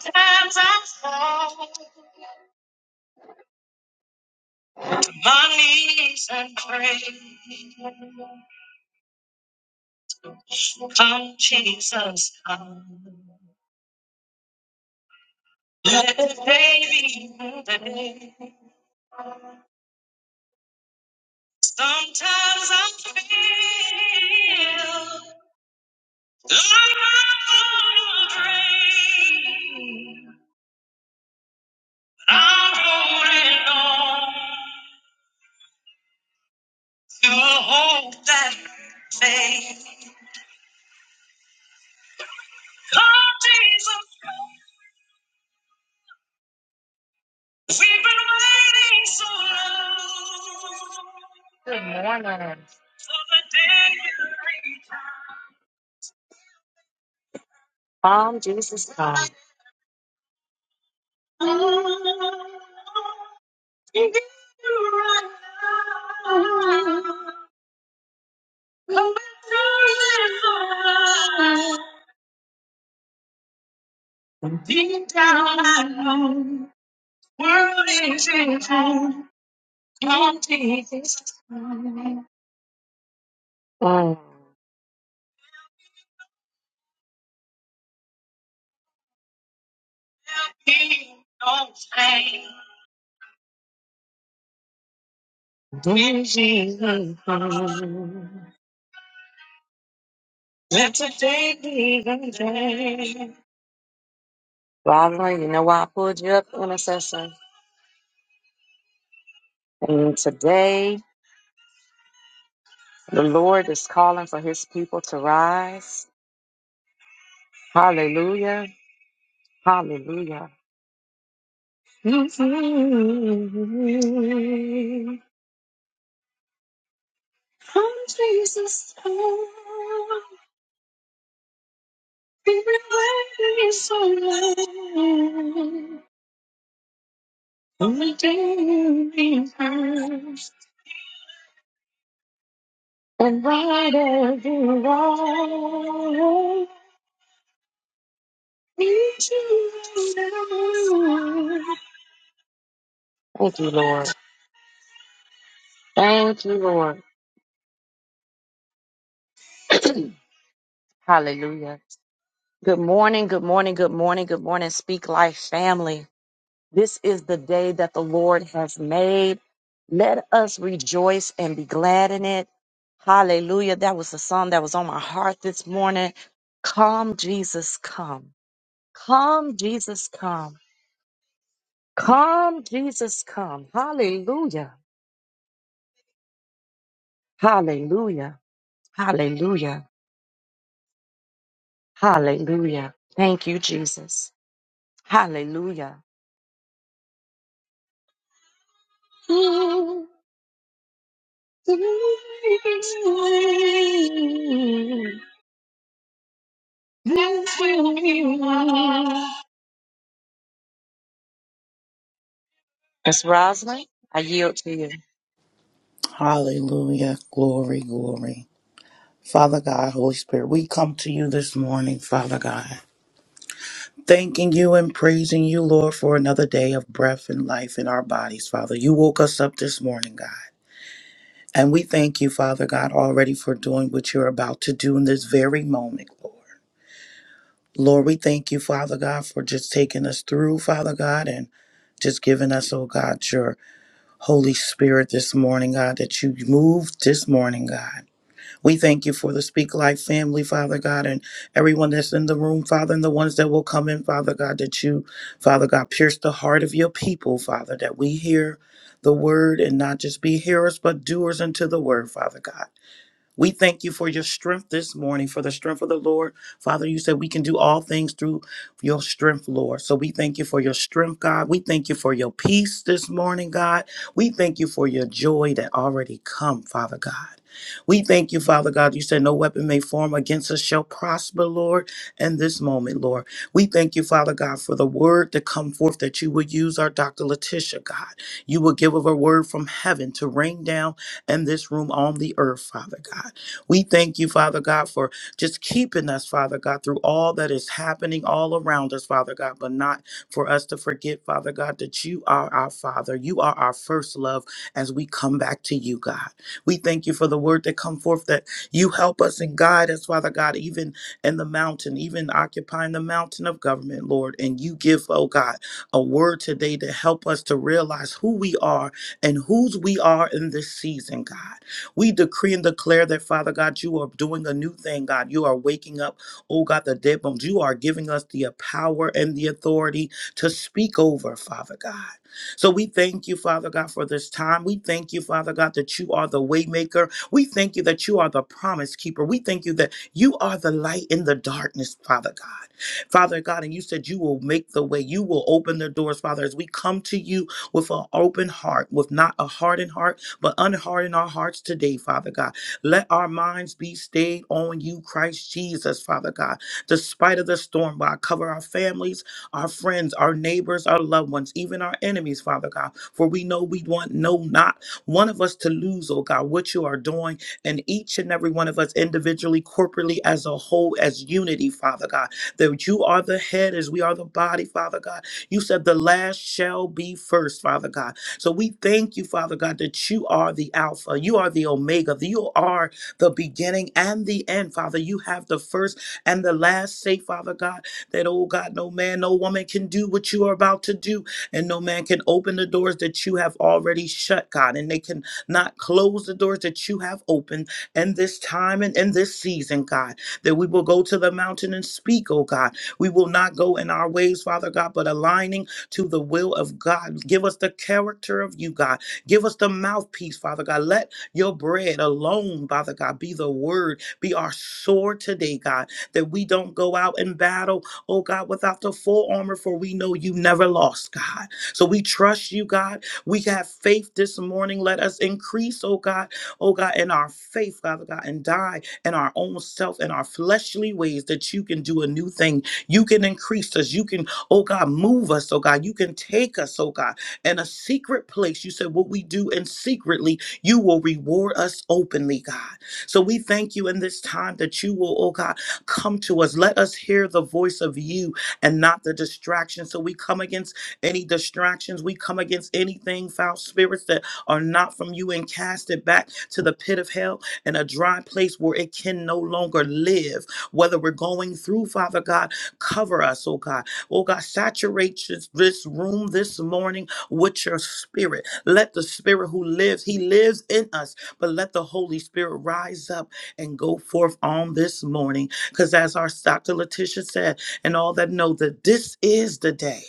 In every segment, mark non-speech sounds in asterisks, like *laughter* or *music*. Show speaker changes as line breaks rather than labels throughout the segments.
Times I fall to my knees and pray. Come, Jesus, come. Let the day be the day. Sometimes I feel like I'm drained, but I'm holding on to a hope that fades. Come, Jesus, come. We've been waiting so long. Good morning. For the day you return. Come, Jesus, come. Oh, you get to right now. Come back to live for us. Deep down I know. World is in home. Come, Jesus, come. Mm. He don't change. When Jesus comes, let today be the day. Father, you know why I pulled you up, intercessor? And today, the Lord is calling for his people to rise. Hallelujah. Hallelujah. Mhm. Come, Jesus, come. Be ready so long. Only day you be we And riders in riders, Thank you, Lord. Thank you, Lord. *clears throat* Hallelujah. Good morning, good morning, good morning, good morning, Speak Life family. This is the day that the Lord has made. Let us rejoice and be glad in it. Hallelujah. That was the song that was on my heart this morning. Come, Jesus, come. Come, Jesus, come. Come, Jesus, come. Hallelujah. Hallelujah. Hallelujah. Hallelujah. Thank you, Jesus. Hallelujah. Miss Roslyn, I yield to you.
Hallelujah. Glory, glory. Father God, Holy Spirit, we come to you this morning, Father God, thanking you and praising you, Lord, for another day of breath and life in our bodies, Father. You woke us up this morning, God. And we thank you, Father God, already for doing what you're about to do in this very moment, Lord. Lord, we thank you, Father God, for just taking us through, Father God, and just giving us, oh God, your Holy Spirit this morning, God, that you moved this morning, God. We thank you for the Speak Life family, Father God, and everyone that's in the room, Father, and the ones that will come in, Father God, that you, Father God, pierce the heart of your people, Father, that we hear the word and not just be hearers, but doers unto the word, Father God. We thank you for your strength this morning, for the strength of the Lord. Father, you said we can do all things through your strength, Lord. So we thank you for your strength, God. We thank you for your peace this morning, God. We thank you for your joy that already come, Father God. We thank you, Father God. You said no weapon may form against us shall prosper, Lord, in this moment, Lord. We thank you, Father God, for the word to come forth that you will use our Dr. Letitia, God. You will give of a word from heaven to rain down and this room on the earth, Father God. We thank you, Father God, for just keeping us, Father God, through all that is happening all around us, Father God, but not for us to forget, Father God, that you are our Father. You are our first love as we come back to you, God. We thank you for the word that come forth that you help us and guide us, Father God, even in the mountain, even occupying the mountain of government, Lord. And you give, oh God, a word today to help us to realize who we are and whose we are in this season, God. We decree and declare that, Father God, you are doing a new thing, God. You are waking up, oh God, the dead bones. You are giving us the power and the authority to speak over, Father God. So we thank you, Father God, for this time. We thank you, Father God, that you are the waymaker. We thank you that you are the promise keeper. We thank you that you are the light in the darkness, Father God. Father God, and you said you will make the way. You will open the doors, Father, as we come to you with an open heart, with not a hardened heart, but unharden our hearts today, Father God. Let our minds be stayed on you, Christ Jesus, Father God. Despite of the storm, God, cover our families, our friends, our neighbors, our loved ones, even our enemies, Father God. For we know we want no not one of us to lose, oh God, what you are doing, and each and every one of us individually, corporately, as a whole, as unity, Father God. That you are the head as we are the body, Father God you said the last shall be first, Father God. So we thank you, Father God, that you are the Alpha, you are the Omega, you are the beginning and the end, Father. You have the first and the last say, Father God, that, oh God, no man, no woman can do what you are about to do, and no man can open the doors that you have already shut, God, and they can not close the doors that you have opened in this time and in this season, God, that we will go to the mountain and speak, oh God we will not go in our ways, Father God, but aligning to the will of God. Give us the character of you, God. Give us the mouthpiece, Father God. Let your bread alone, Father God, be the word, be our sword today, God, that we don't go out in battle, oh God, without the full armor, for we know you never lost, God. So we trust you, God. We have faith this morning. Let us increase, oh God, oh God, in our faith, Father God, and die in our own self, in our fleshly ways, that you can do a new thing you can increase us. You can, oh God, move us, oh God. You can take us, oh God, in a secret place. You said, what we do in secretly, you will reward us openly, God. So we thank you in this time that you will, oh God, come to us. Let us hear the voice of you and not the distraction. So we come against any distractions. We come against anything, foul spirits that are not from you and cast it back to the pit of hell in a dry place where it can no longer live. Whether we're going through, Father God, Cover us, oh God. Oh God, saturate this, this room this morning with your spirit. Let the spirit who lives, he lives in us, but let the Holy Spirit rise up and go forth on this morning. Because as our Dr. Letitia said, and all that know that this is the day.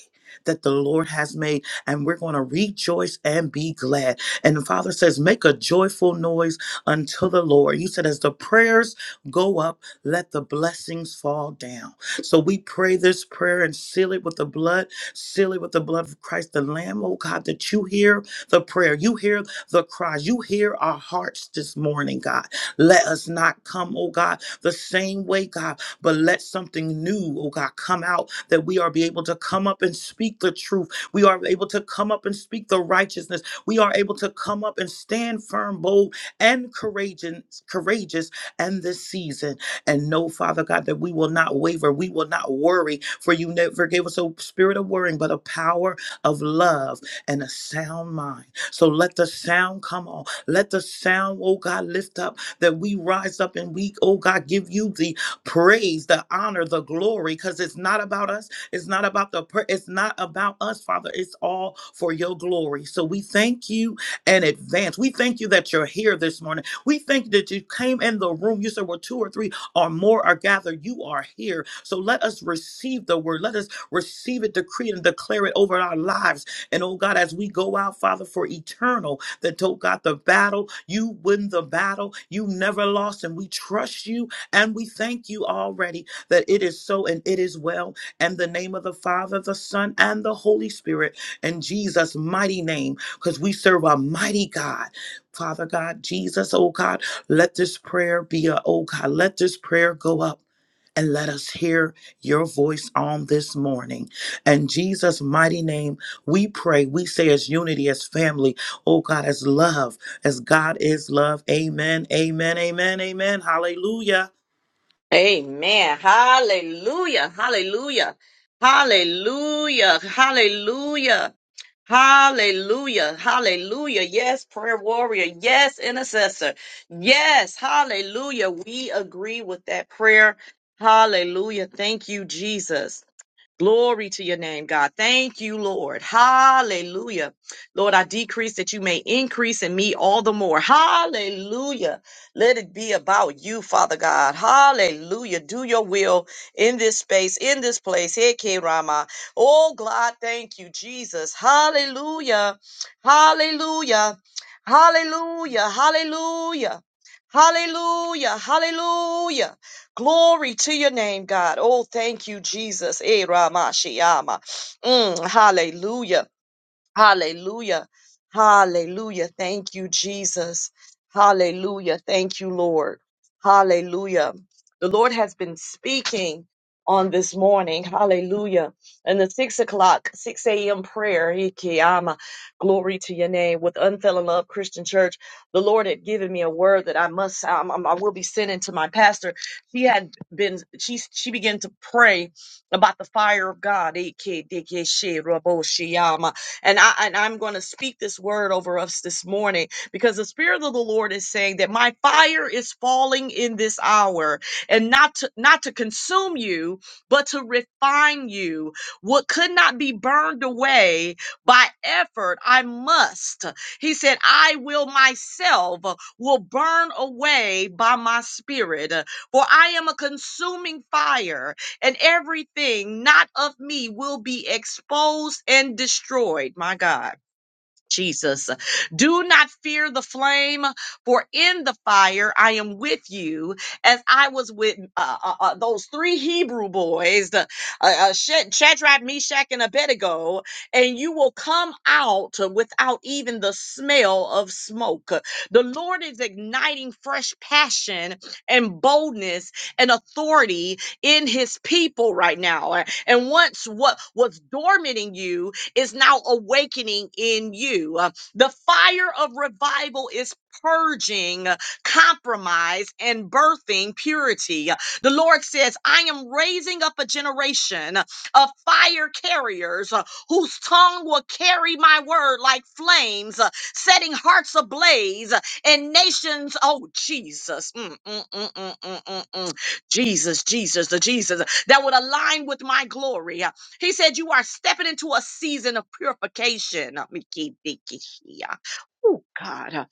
That the Lord has made, and we're going to rejoice and be glad. And the Father says, Make a joyful noise unto the Lord. You said, As the prayers go up, let the blessings fall down. So we pray this prayer and seal it with the blood, seal it with the blood of Christ, the Lamb, oh God, that you hear the prayer, you hear the cries, you hear our hearts this morning, God. Let us not come, oh God, the same way, God, but let something new, oh God, come out that we are be able to come up and speak the truth. We are able to come up and speak the righteousness. We are able to come up and stand firm, bold, and courageous, courageous, and this season. And know, Father God, that we will not waver. We will not worry, for you never gave us a spirit of worrying, but a power of love and a sound mind. So let the sound come on. Let the sound, oh God, lift up that we rise up and we, oh God, give you the praise, the honor, the glory, because it's not about us. It's not about the, per- it's not about us, Father. It's all for your glory. So we thank you in advance. We thank you that you're here this morning. We thank you that you came in the room. You said, we're two or three or more are gathered, you are here. So let us receive the word. Let us receive it, decree it, and declare it over our lives. And oh God, as we go out, Father, for eternal, that oh God, the battle, you win the battle. You never lost, and we trust you and we thank you already that it is so and it is well. And the name of the Father, the Son, and the Holy Spirit, in Jesus' mighty name, because we serve a mighty God. Father God, Jesus, oh God. Let this prayer be a, oh God, let this prayer go up and let us hear your voice on this morning. In Jesus' mighty name, we pray. We say as unity, as family, oh God, as love, as God is love. Amen, amen, amen, amen. Hallelujah.
Amen. Hallelujah. Hallelujah. Hallelujah. Hallelujah. Hallelujah. Hallelujah. Yes, prayer warrior. Yes, intercessor. Yes. Hallelujah. We agree with that prayer. Hallelujah. Thank you, Jesus. Glory to your name, God. Thank you, Lord. Hallelujah. Lord, I decrease that you may increase in me all the more. Hallelujah. Let it be about you, Father God. Hallelujah. Do your will in this space, in this place. Hey, K Rama. Oh, God, thank you, Jesus. Hallelujah. Hallelujah. Hallelujah. Hallelujah. Hallelujah. Hallelujah. Glory to your name, God. Oh, thank you, Jesus. Eh, Ramashiyama. Mm, hallelujah. Hallelujah. Hallelujah. Thank you, Jesus. Hallelujah. Thank you, Lord. Hallelujah. The Lord has been speaking on this morning. Hallelujah. In the six o'clock, 6 a.m. prayer, Ikiyama, glory to your name, with Unfailing Love Christian Church. The Lord had given me a word that I must, um, um, I will be sending to my pastor. She had been, she, she began to pray about the fire of God. Ikidikishirobosiyama. And I and I'm going to speak this word over us this morning because the spirit of the Lord is saying that my fire is falling in this hour and not to, not to consume you, but to refine you. What could not be burned away by effort, I must. He said, I will myself uh, will burn away by my spirit, uh, for I am a consuming fire and everything not of me will be exposed and destroyed. My God. Jesus. Do not fear the flame, for in the fire I am with you, as I was with uh, uh, uh, those three Hebrew boys, the, uh, uh, Sha- Shadrach, Meshach, and Abednego, and you will come out without even the smell of smoke. The Lord is igniting fresh passion and boldness and authority in his people right now. And once what was dormant in you is now awakening in you. Uh, The fire of revival is purging uh, compromise and birthing purity. Uh, The Lord says, I am raising up a generation of fire carriers uh, whose tongue will carry my word like flames, uh, setting hearts ablaze uh, and nations. Oh, Jesus. Mm, mm, mm, mm, mm, mm, mm. Jesus, Jesus, the Jesus that would align with my glory. Uh, he said, You are stepping into a season of purification. Mikidikishia. Oh, God.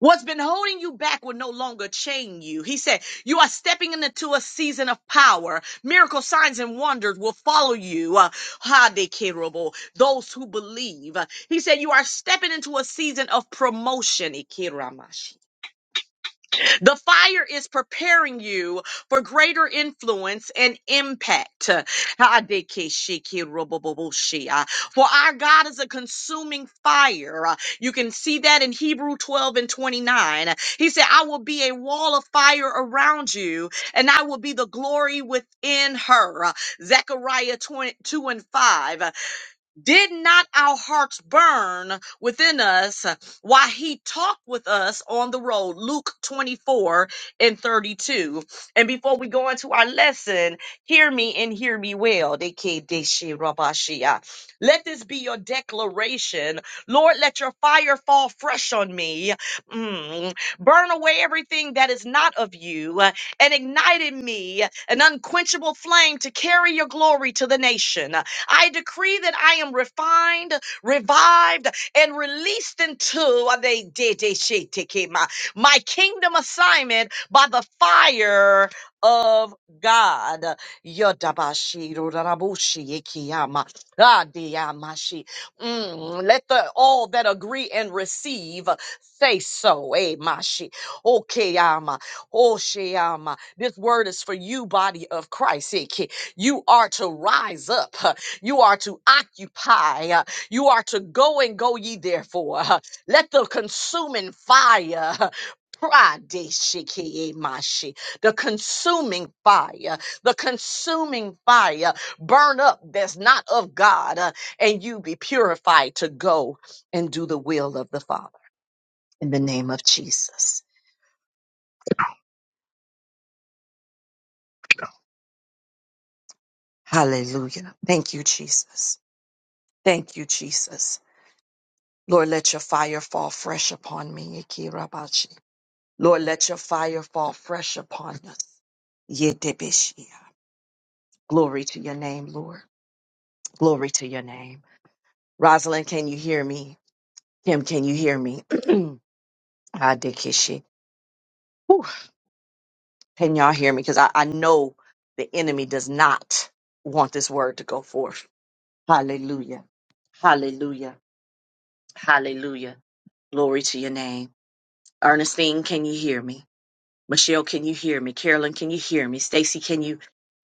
What's been holding you back will no longer chain you. He said, You are stepping into a season of power. Miracle signs and wonders will follow you. Uh, Hadekirobo, Those who believe. He said, You are stepping into a season of promotion. Ikirama the fire is preparing you for greater influence and impact. Hadekeshikiroboboboshia. For our God is a consuming fire. Uh, You can see that in Hebrew 12 and 29. He said, I will be a wall of fire around you, and I will be the glory within her. Uh, Zechariah 22 and 5. Did not our hearts burn within us while he talked with us on the road? Luke 24 and 32. And before we go into our lesson, hear me and hear me well. Dekedeshe rabashia. Let this be your declaration. Lord, let your fire fall fresh on me. Mm. Burn away everything that is not of you uh, and ignite in me an unquenchable flame to carry your glory to the nation. I decree that I am refined, revived, and released into my kingdom assignment by the fire of God. Yodabashi, rodarabushi, ikiyama, radiyamashi. Mm, Let the all that agree and receive say so. Eh, mashi. Okeyama, oshiyama. This word is for you, body of Christ. Iki. You are to rise up. You are to occupy. uh, You are to go and go ye therefore. *laughs* uh, Let the consuming fire. *laughs* uh, pradeshikiyemashi, The consuming fire, the consuming fire burn up that's not of God, uh, and you be purified to go and do the will of the Father. In the name of Jesus. Hallelujah. Thank you, Jesus. Thank you, Jesus. Lord, let your fire fall fresh upon me. Ikirabashi. Lord, let your fire fall fresh upon us. Yidibishia. Glory to your name, Lord. Glory to your name. Rosalind, can you hear me? Kim, can you hear me? *clears throat* Adikishi. Whew. Can y'all hear me? Because I, I know the enemy does not want this word to go forth. Hallelujah. Hallelujah. Hallelujah. Glory to your name. Ernestine, can you hear me? Michelle, can you hear me? Carolyn, can you
Yes,
hear
ma'am.
me? Stacy, can you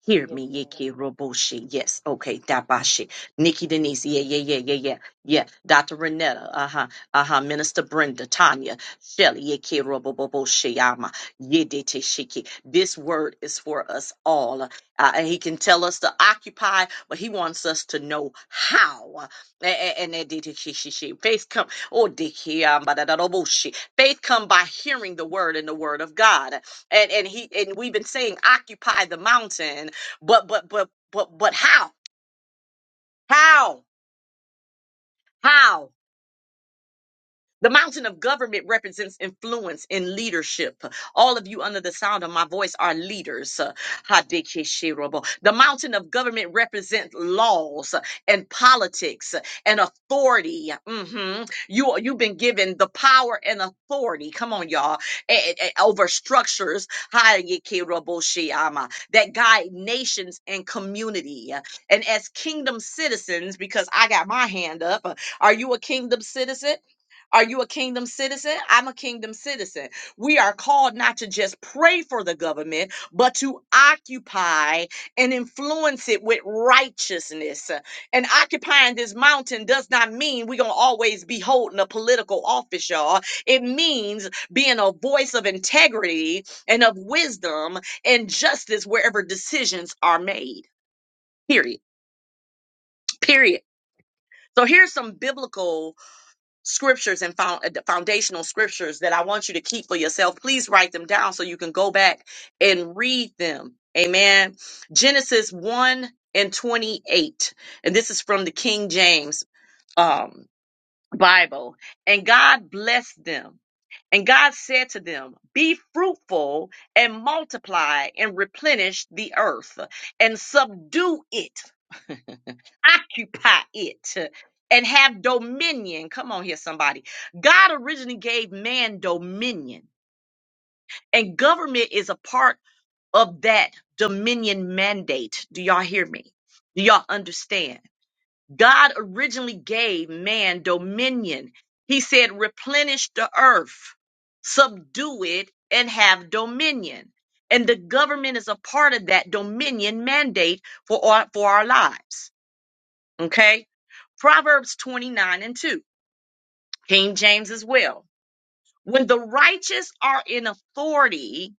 hear
Yes,
me?
ma'am.
Yiki Roboshi. Yes. Okay. Dabashi. Nikki Denise. Yeah, yeah, yeah, yeah, yeah. Yeah. Dr. Renetta. Uh-huh. Uh-huh. Minister Brenda. Tanya. Shelly. Yiki Roboboshi. Ama. Yedete Shiki. This word is for us all. Uh, and he can tell us to occupy, but he wants us to know how. And and and- Face come. Oh, Diki. Um, Badadaroboshi. Faith come by hearing the word and the word of God. And and he and we've been saying occupy the mountain, but but but but but how? How? How? The mountain of government represents influence in leadership. All of you under the sound of my voice are leaders. Hadekeshirabo. The mountain of government represents laws and politics and authority. Mhm. You, you've been given the power and authority. Come on, y'all. eh, eh, eh, over structures Hadekeraboshiyama, that guide nations and community. And as kingdom citizens, because I got my hand up, are you a kingdom citizen? Are you a kingdom citizen? I'm a kingdom citizen. We are called not to just pray for the government, but to occupy and influence it with righteousness. And occupying this mountain does not mean we're going to always be holding a political office, y'all. It means being a voice of integrity and of wisdom and justice wherever decisions are made. Period. Period. So here's some biblical scriptures and found, uh, foundational scriptures that I want you to keep for yourself. Please write them down so you can go back and read them. Amen. Genesis 1 and 28. And this is from the King James um, Bible. And God blessed them. And God said to them, Be fruitful and multiply and replenish the earth and subdue it occupy it uh, and have dominion. Come on here, somebody. God originally gave man dominion, and government is a part of that dominion mandate. Do y'all hear me? Do y'all understand? God originally gave man dominion. He said, replenish the earth, subdue it, and have dominion. And the government is a part of that dominion mandate for our, for our lives. Okay. Proverbs 29 and 2, King James as well. When the righteous are in authority,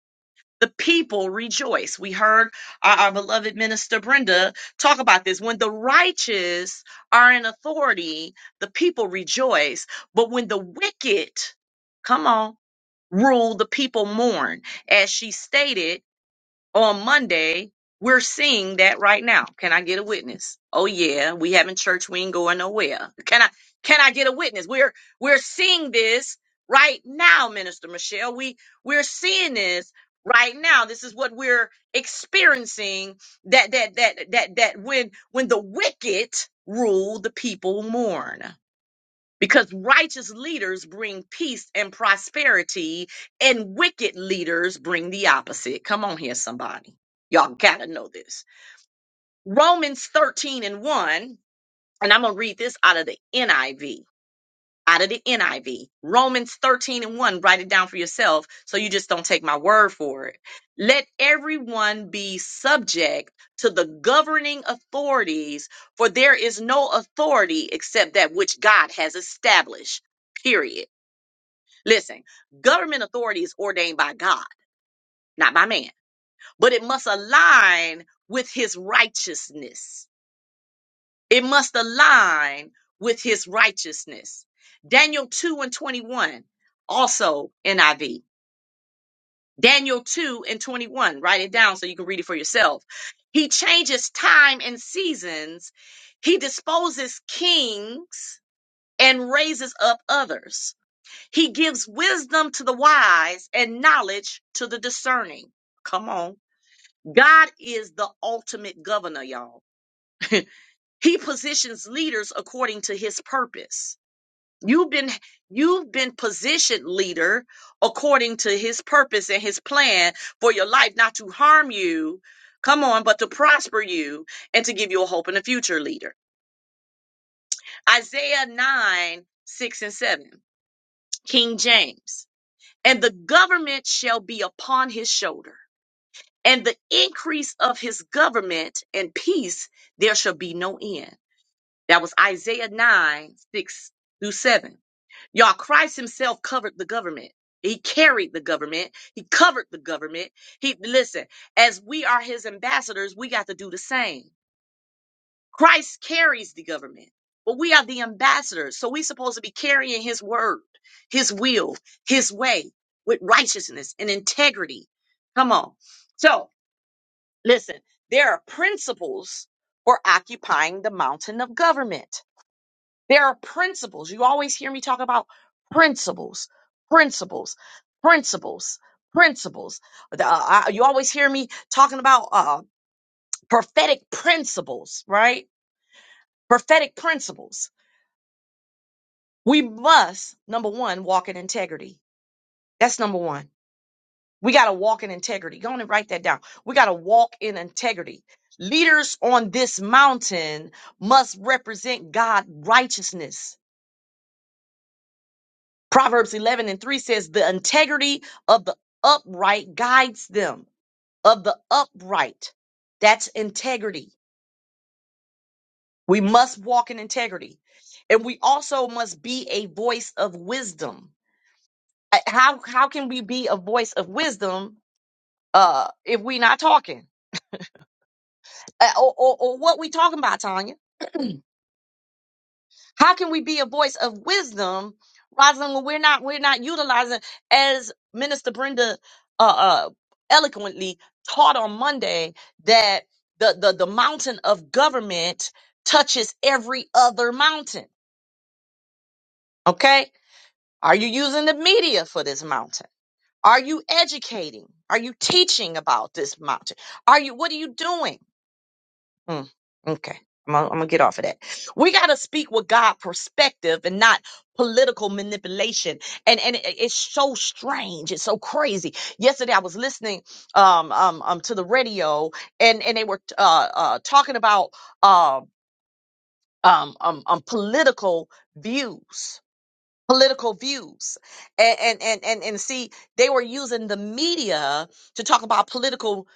the people rejoice. We heard our, our beloved minister Brenda talk about this. When the righteous are in authority, the people rejoice. But when the wicked, come on, rule, the people mourn. As she stated, on Monday, we're seeing that right now. Can I get a witness? Oh yeah, we having church. We ain't going nowhere. Can I? Can I get a witness? We're we're seeing this right now, Minister Michelle. We we're seeing this right now. This is what we're experiencing. That that that that that when when the wicked rule, the people mourn because righteous leaders bring peace and prosperity, and wicked leaders bring the opposite. Come on here, somebody. Y'all gotta know this. Romans 13 and 1, and I'm gonna read this out of the NIV. Out of the NIV. Romans 13 and 1, write it down for yourself so you just don't take my word for it. Let everyone be subject to the governing authorities, for there is no authority except that which God has established. Period. Listen, government authority is ordained by God, not by man, but it must align with his righteousness. It must align with his righteousness. Daniel 2 and 21, also NIV. Daniel 2 and 21, write it down so you can read it for yourself. He changes time and seasons, he disposes kings and raises up others. He gives wisdom to the wise and knowledge to the discerning. Come on. God is the ultimate governor, y'all. He positions leaders according to his purpose. You've been you've been positioned leader according to his purpose and his plan for your life not to harm you. Come on, but to prosper you and to give you a hope in the future, leader. Isaiah 9, 6 and 7, King James. and the government shall be upon his shoulder. And the increase of his government and peace, there shall be no end. That was Isaiah 9, 6 through 7. Y'all, Christ himself covered the government. He carried the government. He covered the government. He, listen, as we are his ambassadors, we got to do the same. Christ carries the government, but we are the ambassadors. So we're supposed to be carrying his word, his will, his way with righteousness and integrity. Come on. So listen, there are principles for occupying the mountain of government. There are principles. You always hear me talk about principles, principles, principles, principles. The- uh, I- you always hear me talking about uh, prophetic principles, right? Prophetic principles We must, number one, walk in integrity. That's number one. We got to walk in integrity. Go on and write that down. We got to walk in integrity. Leaders on this mountain must represent God righteousness. Proverbs 11 and 3 says, The integrity of the upright guides them, of the upright. That's integrity. We must walk in integrity. And we also must be a voice of wisdom. Uh, How, how can we be a voice of wisdom uh if we not talking Uh, or, or, or what we talking about tanya how can we be a voice of wisdom Rosalind, when we're not we're not utilizing as minister brenda uh, uh eloquently taught on monday that the, the the mountain of government touches every other mountain okay are you using the media for this mountain are you educating are you teaching about this mountain are you what are you doing Hmm. Okay. I'm gonna, I'm gonna get off of that. We gotta speak with God perspective and not political manipulation. And and it- it's so strange. It's so crazy. Yesterday I was listening um um, um to the radio and and they were uh uh talking about uh, um um um political views political views and, and and and and see they were using the media to talk about political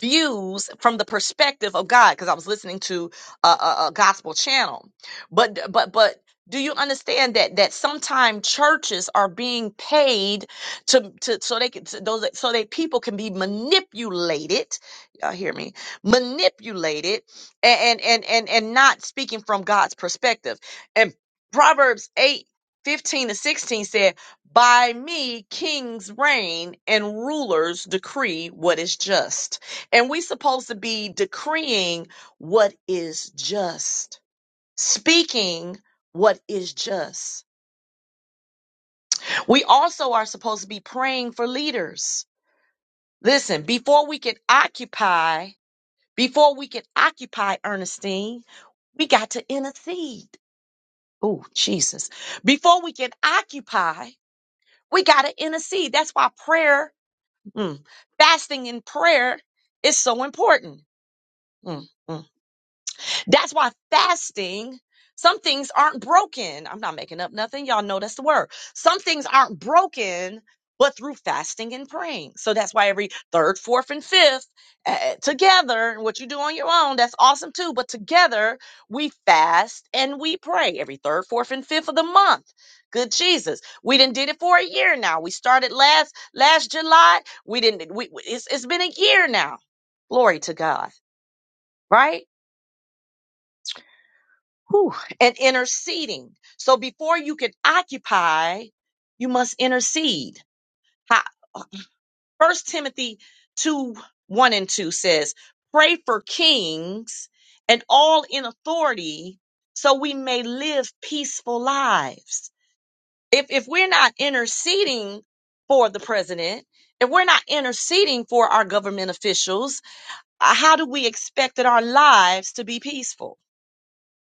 views from the perspective of god because i was listening to a, a, a gospel channel but but but do you understand that that sometimes churches are being paid to to so they can so those so that people can be manipulated y'all hear me manipulated and and and and, and not speaking from god's perspective and proverbs 8 15 to 16 said, By me kings reign and rulers decree what is just. And we supposed to be decreeing what is just, speaking what is just. We also are supposed to be praying for leaders. Listen, before we can occupy, before we can occupy Ernestine, we got to intercede. Oh, Jesus. Before we can occupy, we got to intercede. That's why prayer Mm. Fasting and prayer is so important. Mm, mm. That's why fasting, some things aren't broken. I'm not making up nothing. Y'all know that's the word. Some things aren't broken, but through fasting and praying. So that's why every third, fourth, and fifth uh, together, and what you do on your own, that's awesome too. But together, we fast and we pray every third, fourth, and fifth of the month. Good Jesus, we didn't did it for a year now. We started last last July. We didn't. We we- it's, it's been a year now. Glory to God, right? Whew. and interceding. So before you can occupy, you must intercede. How? First Timothy 2 1 and 2 says, Pray for kings and all in authority so we may live peaceful lives. If, if we're not interceding for the president, if we're not interceding for our government officials, uh, how do we expect that our lives to be peaceful?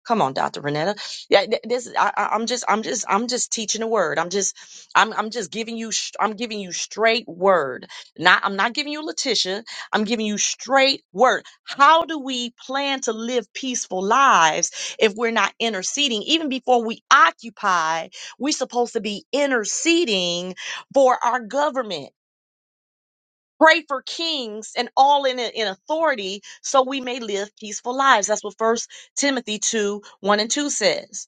Come on, Dr. Renetta. Yeah, th- this I, I- I'm just I'm just I'm just teaching the word. I'm just I'm I'm just giving you sh- I'm giving you straight word. Not I'm not giving you Letitia. I'm giving you straight word. How do we plan to live peaceful lives if we're not interceding? Even before we occupy, we're supposed to be interceding for our government pray for kings and all in, in authority so we may live peaceful lives that's what first timothy 2 1 and 2 says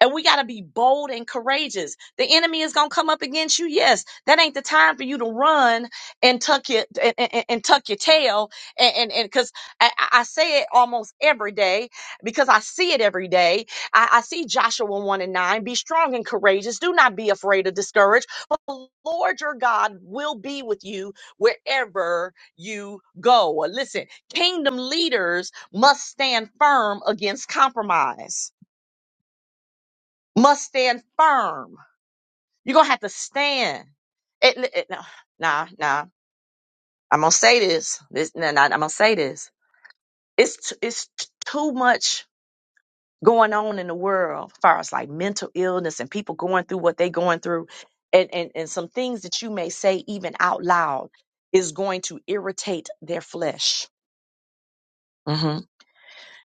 and we got to be bold and courageous. The enemy is going to come up against you. Yes, that ain't the time for you to run and tuck your and, and, and tuck your tail. And and because I, I I say it almost every day because I see it every day. I, I see Joshua one and nine. Be strong and courageous. Do not be afraid or discouraged. But the Lord your God will be with you wherever you go. Listen, kingdom leaders must stand firm against compromise must stand firm. You're gonna have to stand. It, it, no, nah, nah. I'm gonna say this. This, nah, nah, I'm gonna say this. It's t- it's t- too much going on in the world, as far as like mental illness and people going through what they going through, and and and some things that you may say even out loud is going to irritate their flesh. Mm-hmm.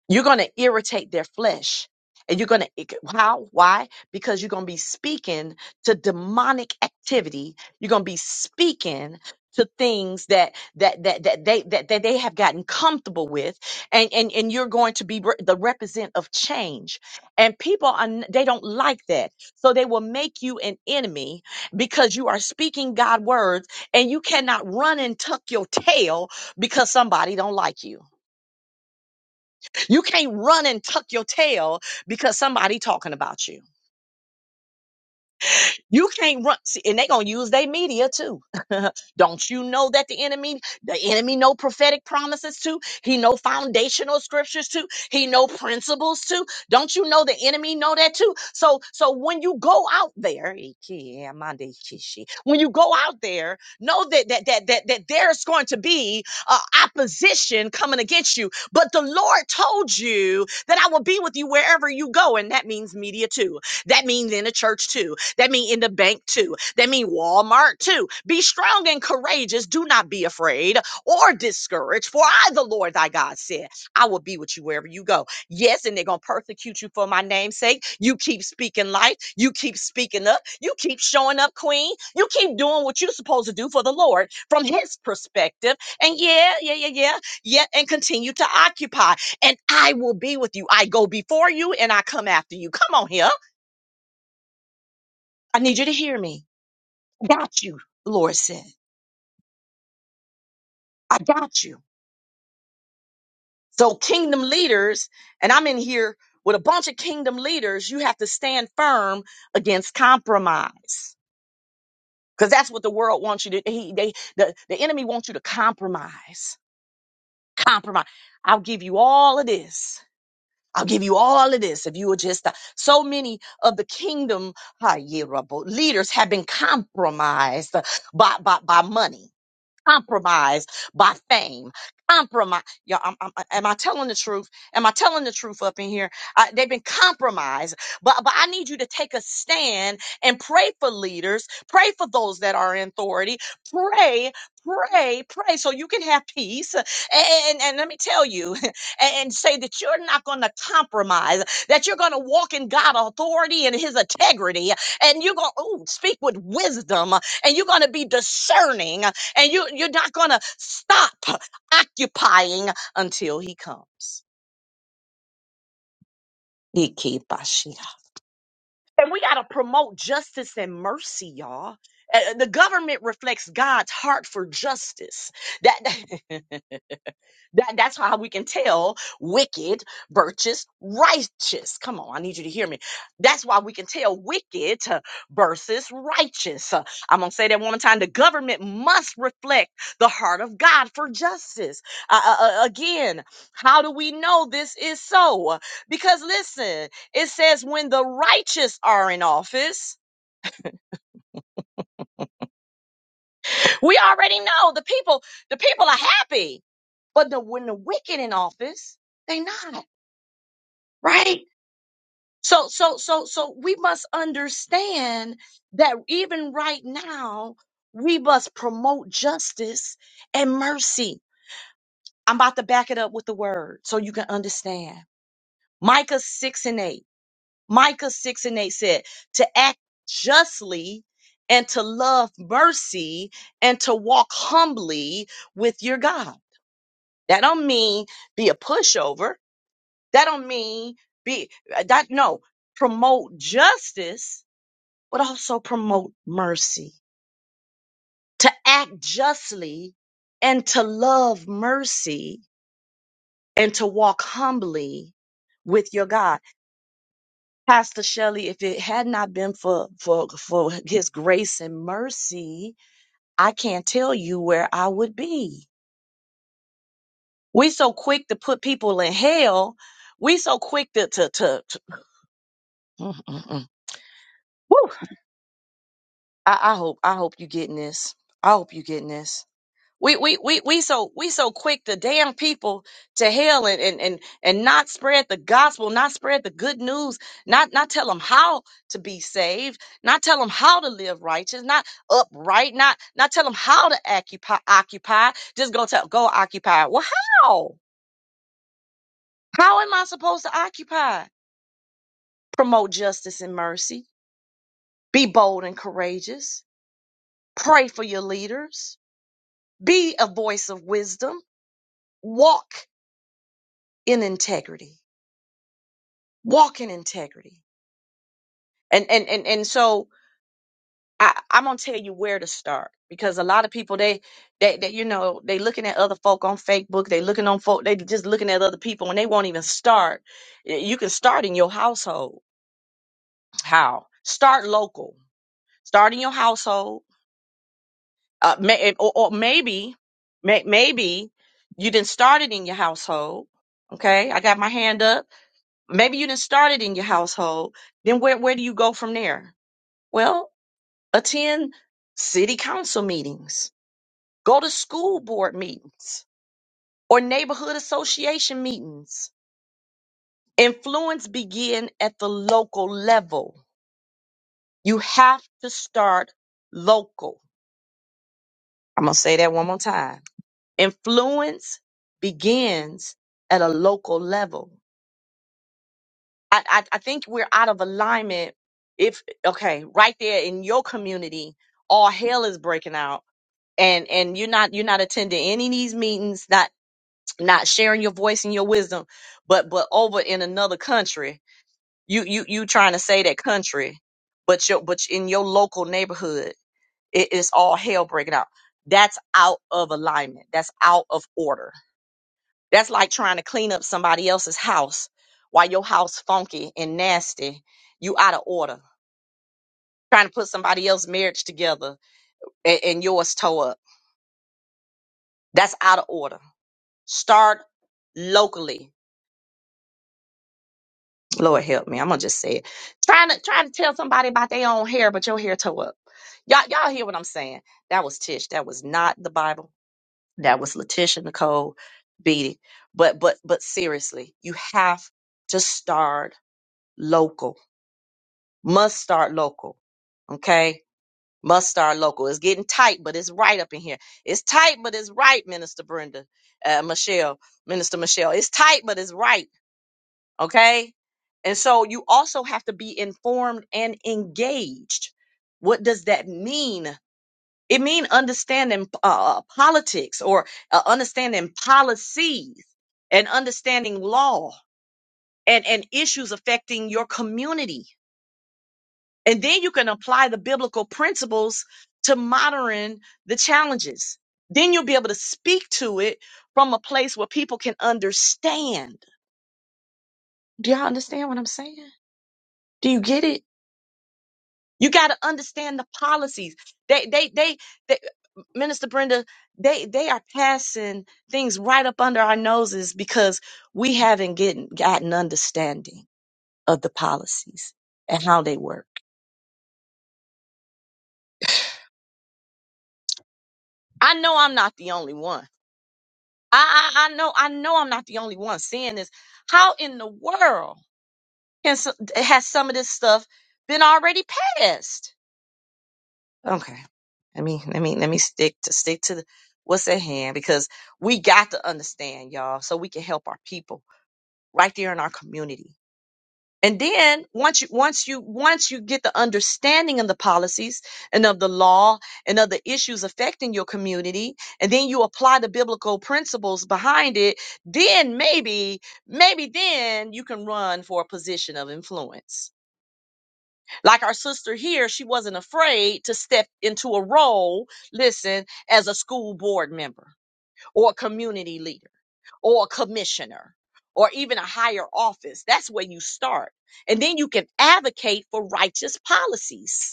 You're going to irritate their flesh. And you're going to, how? Why? Because you're going to be speaking to demonic activity. You're going to be speaking to things that, that, that, that they, that, that they have gotten comfortable with. And, and, and you're going to be re- the represent of change. And people are, n- they don't like that. So they will make you an enemy because you are speaking God words and you cannot run and tuck your tail because somebody don't like you you can't run and tuck your tail because somebody talking about you. You can't run, see, and they gonna use their media too. *laughs* Don't you know that the enemy, the enemy know prophetic promises too? He know foundational scriptures too. He know principles too. Don't you know the enemy know that too? So, so when you go out there, when you go out there, know that that that that, that there's going to be uh, opposition coming against you. But the Lord told you that I will be with you wherever you go, and that means media too. That means in the church too. That mean in the bank too. That mean Walmart too. Be strong and courageous. Do not be afraid or discouraged. For I, the Lord thy God, said, I will be with you wherever you go. Yes, and they're gonna persecute you for my name's sake. You keep speaking life. You keep speaking up. You keep showing up, Queen. You keep doing what you're supposed to do for the Lord from His perspective. And yeah, yeah, yeah, yeah, yeah, and continue to occupy. And I will be with you. I go before you and I come after you. Come on here. I need you to hear me got you, the Lord said. I got you. So, kingdom leaders, and I'm in here with a bunch of kingdom leaders, you have to stand firm against compromise. Because that's what the world wants you to, he, they, the, the enemy wants you to compromise. Compromise. I'll give you all of this. I'll give you all of this if you will just stop. So many of the kingdom ah, yeah, Rabbo, leaders have been compromised uh, by, by, by money Compromised by fame. Compromise. Y'all, I'm, I'm, am I telling the truth? Am I telling the truth up in here? Uh, they've been compromised. But, but I need you to take a stand and pray for leaders, pray for those that are in authority, pray, pray, pray so you can have peace. And, and, and let me tell you, *laughs* and, and say that you're not going to compromise, that you're going to walk in God's authority and his integrity, and you're going to speak with wisdom, and you're going to be discerning and you, you're not going to stop occupying until he comes. Ikebashia. And we got to promote justice and mercy, y'all. Uh, The government reflects God's heart for justice. That *laughs* That, that's how we can tell wicked versus righteous. Come on, I need you to hear me. That's why we can tell wicked uh, versus righteous. Uh, I'm going to say that one more time. The government must reflect the heart of God for justice. Uh, uh, uh, again, how do we know this is so? Because listen, it says when the righteous are in office, we already know the people, the people are happy. But the, when the wicked in office, they not, right? So, so, so, so we must understand that even right now, we must promote justice and mercy. I'm about to back it up with the word so you can understand. Micah 6 and 8. Micah 6 and 8 said, to act justly and to love mercy and to walk humbly with your God. That don't mean be a pushover. That don't mean be, uh, that, no, promote justice but also promote mercy. To act justly and to love mercy and to walk humbly with your God. Pastor Shelley, if it had not been for, for, for his grace and mercy, I can't tell you where I would be. We so quick to put people in hell. We so quick to, to, to, to- mm, mm, mm. Whew. I, I hope, I hope you getting this. I hope you getting this. We we we we so we so quick to damn people to hell and and and and not spread the gospel, not spread the good news, not not tell them how to be saved, not tell them how to live righteous, not upright, not not tell them how to occupy occupy. Just go tell go occupy. Well, how? How am I supposed to occupy? Promote justice and mercy. Be bold and courageous. Pray for your leaders. Be a voice of wisdom. Walk in integrity walk in integrity and and and, and so I, i'm gonna tell you where to start because a lot of people they they, they you know they looking at other folk on facebook they looking on folk they just looking at other people and they won't even start Y- you can start in your household how start local start in your household uh, may, or, or maybe may, maybe you didn't start it in your household okay i got my hand up maybe you didn't start it in your household then where, where do you go from there well attend city council meetings, go to school board meetings or neighborhood association meetings. Influence begin at the local level. You have to start local. I'm going to say that one more time. Influence begins at a local level. I, I, I think we're out of alignment if, okay, right there in your community, all hell is breaking out and and you're not you're not attending any of these meetings not not sharing your voice and your wisdom, but but over in another country, you you you trying to say that country, but your but in your local neighborhood, it is all hell breaking out. That's out of alignment. That's out of order. That's like trying to clean up somebody else's house while your house funky and nasty. You out of order. Trying to put somebody else's marriage together and, and yours toe up. That's out of order. Start locally Lord help me. I'm gonna just say it. Trying to trying to tell somebody about their own hair, but your hair toe up. Y'all, y'all hear what I'm saying? That was Tish. That was not the Bible. That was Letitia Nicole Beatty. But but but seriously, you have to start local. Must start local. Okay? Must start local. It's getting tight, but it's right up in here. It's tight, but it's right, Minister Brenda, uh, Michelle, Minister Michelle. It's tight, but it's right. Okay. And so you also have to be informed and engaged. What does that mean? It means understanding uh, politics or uh, understanding policies and understanding law and, and issues affecting your community. And then you can apply the biblical principles to modern the challenges. Then you'll be able to speak to it from a place where people can understand. Do y'all understand what I'm saying? Do you get it? You got to understand the policies. They, they, they, they, Minister Brenda, they, they are passing things right up under our noses because we haven't getting, gotten understanding of the policies and how they work. I know I'm not the only one. I, I, I know, I know I'm not the only one seeing this. How in the world can, so- has some of this stuff been already passed? Okay. Let me let me let me stick to stick to the, what's at hand because we got to understand, y'all, so we can help our people right there in our community. And then once you once you once you get the understanding of the policies and of the law and of the issues affecting your community, and then you apply the biblical principles behind it, then maybe maybe then you can run for a position of influence like our sister here, she wasn't afraid to step into a role, listen, as a school board member or a community leader or a commissioner or even a higher office. That's where you start. And then you can advocate for righteous policies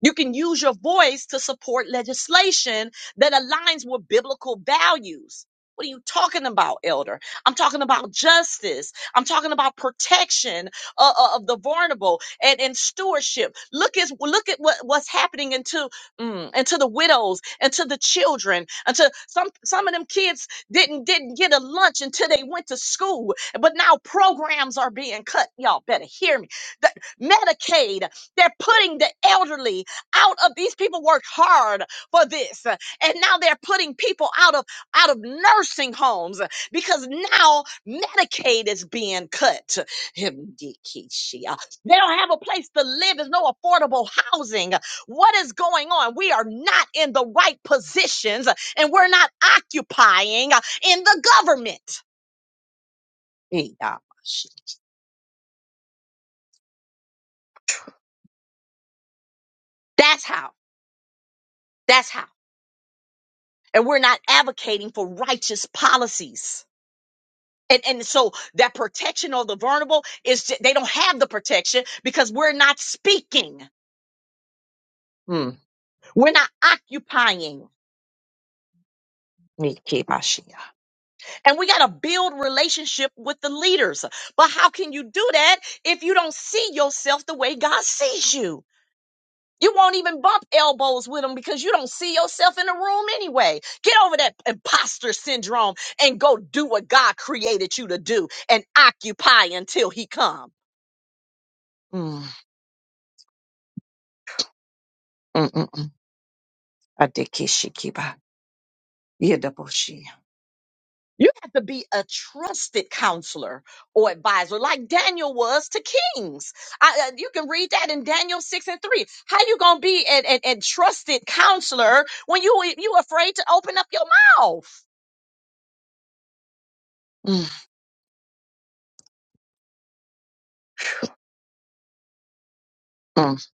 you can use your voice to support legislation that aligns with biblical values. What are you talking about, elder? I'm talking about justice. I'm talking about protection uh, uh, of the vulnerable and, and stewardship. Look at look at what, what's happening into mm, into the widows, into the children, into some some of them kids didn't didn't get a lunch until they went to school. But now programs are being cut. Y'all better hear me. The Medicaid, they're putting the elderly out of these people worked hard for this uh, and now they're putting people out of out of nursing homes uh, because now medicaid is being cut they don't have a place to live there's no affordable housing what is going on we are not in the right positions uh, and we're not occupying uh, in the government that's how that's how and we're not advocating for righteous policies And, and so that protection of the vulnerable is ju- they don't have the protection because we're not speaking. Hmm. We're not occupying. Mikibashia. And we got to build relationship with the leaders. But how can you do that if you don't see yourself the way God sees you? You won't even bump elbows with them because you don't see yourself in the room anyway. Get over that imposter syndrome and go do what God created you to do and occupy until he comes. Mm. mm, mm, mm. Adikishikiba. Yedaboshi. You have to be a trusted counselor or advisor, like Daniel was to kings. I, uh, you can read that in Daniel six and three. How you gonna be a, a, a trusted counselor when you you afraid to open up your mouth? Mm, mm,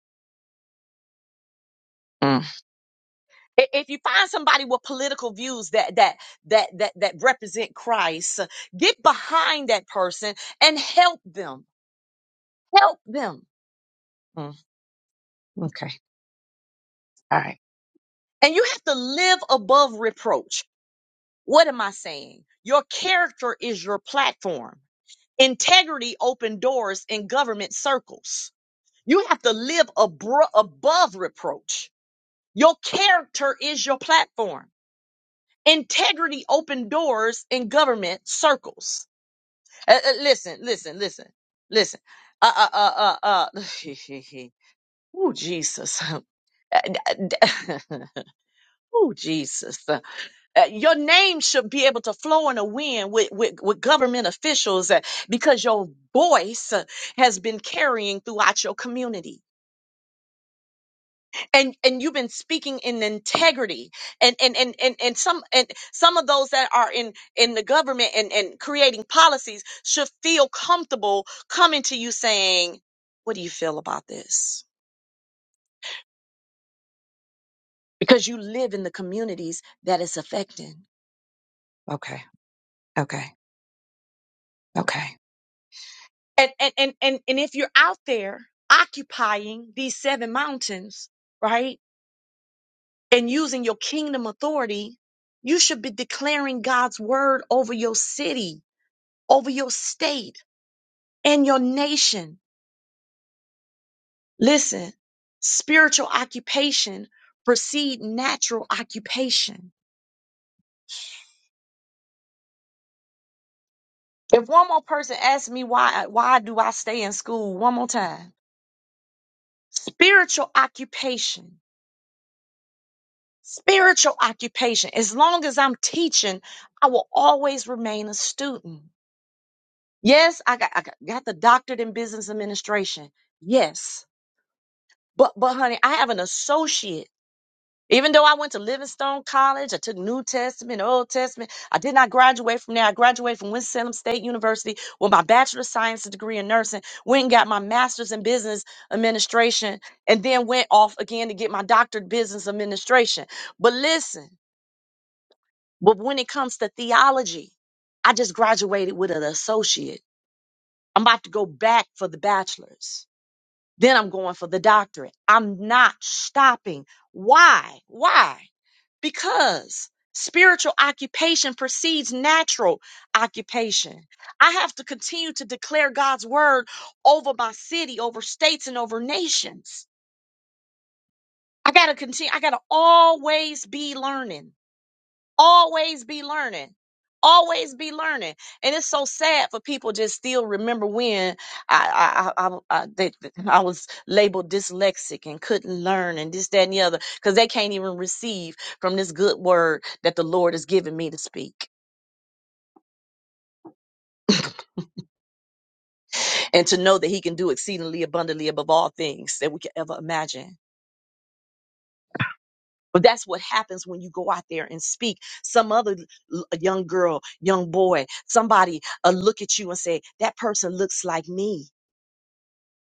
mm. I- If you find somebody with political views that that that that that represent Christ, get behind that person and help them. Help them. Mm, okay. All right. And you have to live above reproach. What am I saying? Your character is your platform. Integrity open doors in government circles. You have to live abro- above reproach. Your character is your platform. Integrity open doors in government circles. Uh, uh, listen, listen, listen, listen. Uh, uh, uh, uh, uh. *laughs* oh, Jesus. *laughs* oh, Jesus Uh, your name should be able to flow in the wind with, with, with government officials uh, because your voice uh, has been carrying throughout your community and and you've been speaking in integrity and and and and, and some and some of those that are in in the government and and creating policies should feel comfortable coming to you saying what do you feel about this because you live in the communities that it's affecting okay okay okay And, and, and, and, and if you're out there occupying these seven mountains, right, and using your kingdom authority, you should be declaring God's word over your city, over your state, and your nation. Listen, spiritual occupation precede natural occupation. If one more person asks me why why do I stay in school one more time? Spiritual occupation Spiritual occupation. As long as I'm teaching, I will always remain a student. Yes, I got, I got got the doctorate in business administration. Yes. But, but honey, I have an associate. Even though I went to Livingstone College, I took New Testament, Old Testament. I did not graduate from there. I graduated from Winston-Salem State University with my Bachelor of Science degree in nursing. Went and got my Master's in Business Administration and then went off again to get my doctorate in business administration. But listen. But when it comes to theology, I just graduated with an associate. I'm about to go back for the bachelor's. Then I'm going for the doctorate. I'm not stopping. Why? Why? Because spiritual occupation precedes natural occupation. I have to continue to declare God's word over my city, over states, and over nations. I got to continue. I got to always be learning. always be learning always be learning and it's so sad for people just still remember when i i i, I, they, I was labeled dyslexic and couldn't learn and this that and the other because they can't even receive from this good word that the lord has given me to speak *laughs* and to know that he can do exceedingly abundantly above all things that we could ever imagine But that's what happens when you go out there and speak. Some other l- young girl, young boy, somebody uh, look at you and say, that person looks like me.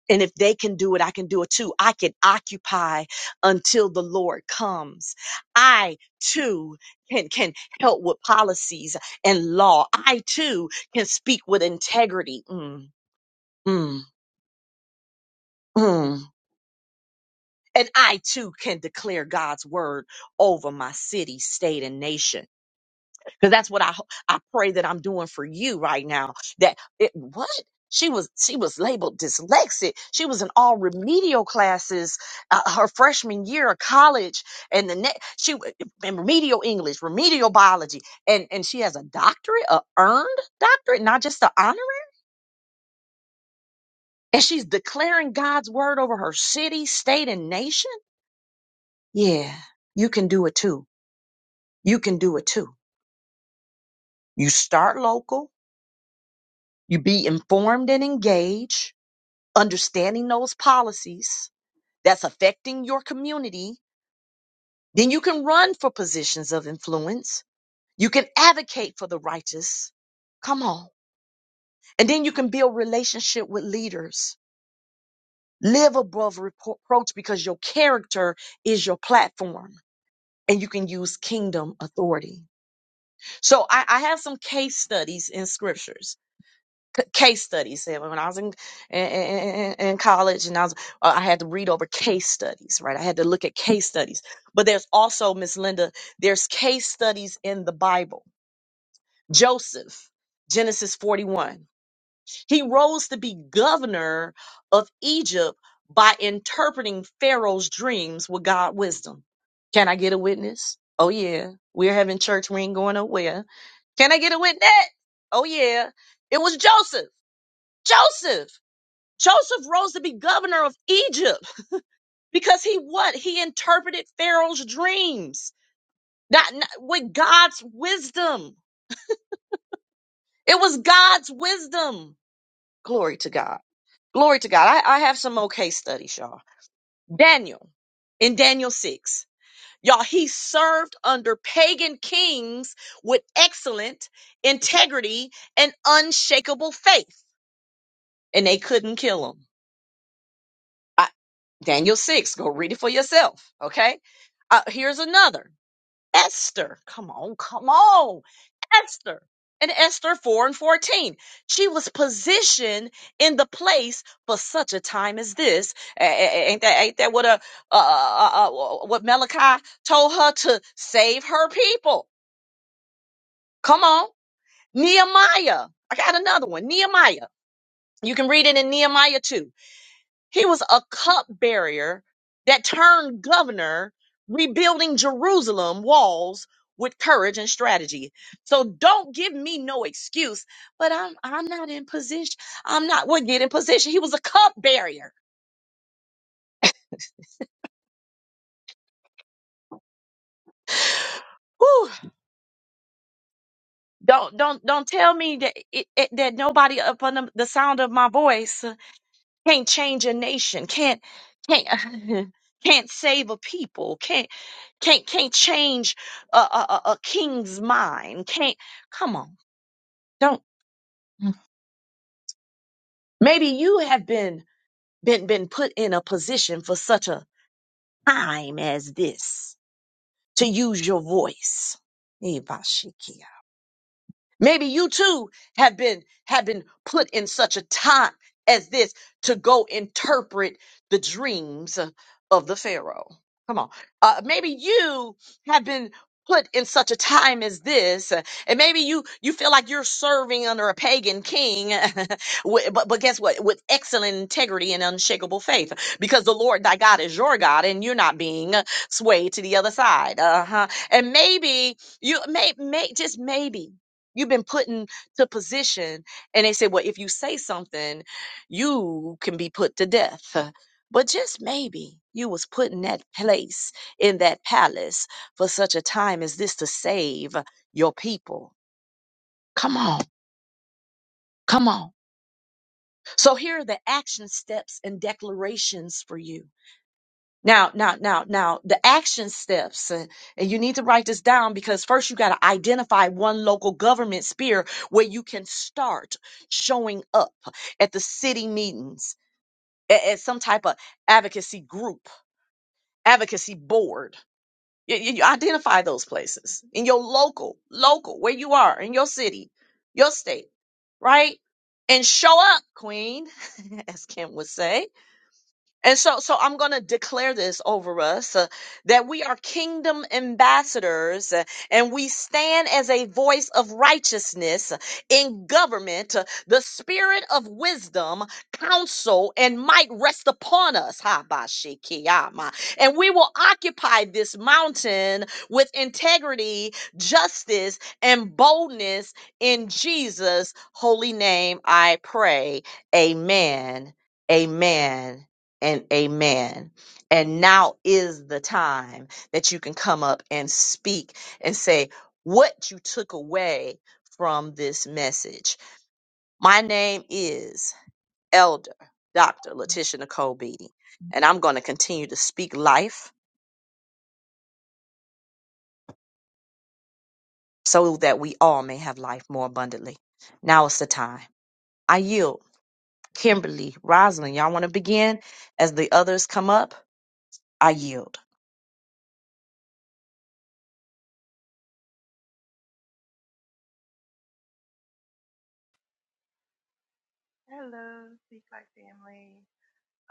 And if they can do it, I can do it too. I can occupy until the Lord comes. I too can, can help with policies and law. I too can speak with integrity. Mm, mm, mm. And I too can declare God's word over my city, state, and nation. because that's what I ho- I pray that I'm doing for you right now. That it what she was she was labeled dyslexic. She was in all remedial classes uh, her freshman year of college, and the next she w- in remedial English, remedial biology, and and she has a doctorate, a earned doctorate, not just an honor. And she's declaring God's word over her city, state, and nation. Yeah, you can do it too. You can do it too. You start local. You be informed and engaged understanding those policies that's affecting your community, then you can run for positions of influence. You can advocate for the righteous. Come on. And then you can build relationship with leaders. Live above reproach because your character is your platform and you can use kingdom authority. So I, I have some case studies in scriptures c- case studies. And When I was in, in, in in college and I was, uh, I had to read over case studies, right? I had to look at case studies. But there's also, Miss Linda, there's case studies in the Bible. Joseph, Genesis 41. He rose to be governor of Egypt by interpreting Pharaoh's dreams with God wisdom. Can I get a witness? Oh yeah. We're having church. We ain't going nowhere. Can I get a witness? Oh yeah. It was Joseph. Joseph. Joseph rose to be governor of Egypt because he what? He interpreted Pharaoh's dreams, not, not with God's wisdom. It was God's wisdom. Glory to God. Glory to God. I, I have some okay studies, y'all. Daniel in Daniel 6. Y'all, he served under pagan kings with excellent integrity and unshakable faith, and they couldn't kill him. I, Daniel 6, go read it for yourself, okay? Uh, here's another. Esther. Come on, come on. Esther. And Esther 4 and 14. She was positioned in the place for such a time as this. A- a- Ain't that, ain't that what, a, uh, uh, uh, uh, what Malachi told her to save her people? Come on. Nehemiah. I got another one. Nehemiah. You can read it in Nehemiah 2. He was a cupbearer that turned governor, rebuilding Jerusalem walls with courage and strategy. So don't give me no excuse, but I'm I'm not in position. I'm not would get in position. He was a cupbearer. *sighs* Whew. Don't don't don't tell me that it, it- that nobody up under the sound of my voice can't change a nation can't can't *laughs* can't save a people can't can't can't change a, a, a a king's mind can't come on don't maybe you have been been been put in a position for such a time as this to use your voice Ibashiki. Maybe you too have been have been put in such a time as this to go interpret the dreams of the Pharaoh. Come on. Uh, maybe you have been put in such a time as this uh, and maybe you you feel like you're serving under a pagan king *laughs* wi- but, but guess what with excellent integrity and unshakable faith because the lord thy god is your god and you're not being swayed to the other side uh-huh and maybe you may, may just maybe You've been put into position. And they say, well, if you say something, you can be put to death. But just maybe you was put in that place, in that palace for such a time as this to save your people. Come on. Come on. So here are the action steps and declarations for you. Now, now, now, now, the action steps, and, and you need to write this down because first you got to identify one local government sphere where you can start showing up at the city meetings, at, at some type of advocacy group, advocacy board. You, you, you identify those places in your local, local, where you are, in your city, your state, right? And show up, queen, *laughs* as Kim would say and so, so I'm going to declare this over us uh, that we are kingdom ambassadors uh, and we stand as a voice of righteousness uh, in government. Uh, The spirit of wisdom, counsel, and might rest upon us. Ha, ba, shi, ki, ya, ma. And we will occupy this mountain with integrity, justice, and boldness in Jesus' holy name. I pray. Amen. Amen and amen. And now is the time that you can come up and speak and say what you took away from this message. My name is Elder Dr. Letitia Nicole Beatty, and I'm going to continue to speak life so that we all may have life more abundantly. Now is the time. I yield. Kimberly, Rosalind, y'all want to begin as the others come up? I yield.
Hello, Speak Like Family.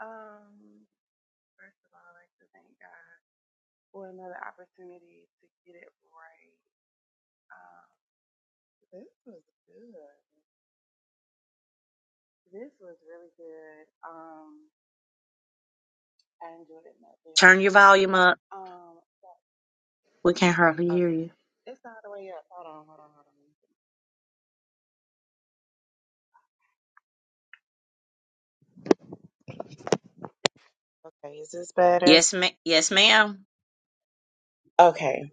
Um, first of all, I'd like to thank God for another opportunity to get it right. Um, this was good. This was really good. Um, I enjoyed it not very
Turn your
much.
volume up.
Um,
We can't hardly hear
okay.
you.
It's all the way up. Hold on, hold on, hold on. Okay, is this better?
Yes, ma- yes, ma'am.
Okay.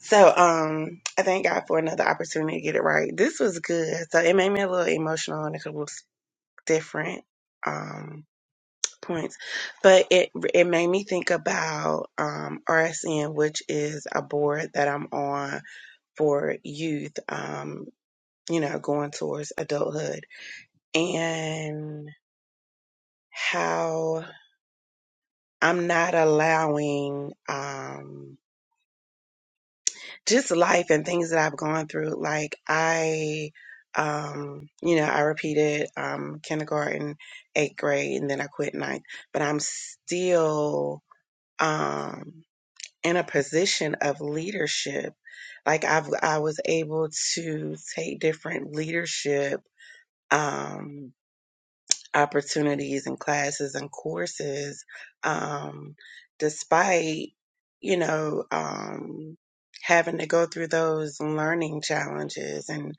So, um, I thank God for another opportunity to get it right. This was good. So it made me a little emotional and a couple. different um, points, but it it made me think about um, RSN, which is a board that I'm on for youth. Um, you know, going towards adulthood and how I'm not allowing um, just life and things that I've gone through. Like I, um, you know, I repeated um, kindergarten, eighth grade, and then I quit ninth, but I'm still um, in a position of leadership. Like I've, I was able to take different leadership um, opportunities and classes and courses, um, despite you know um, having to go through those learning challenges. And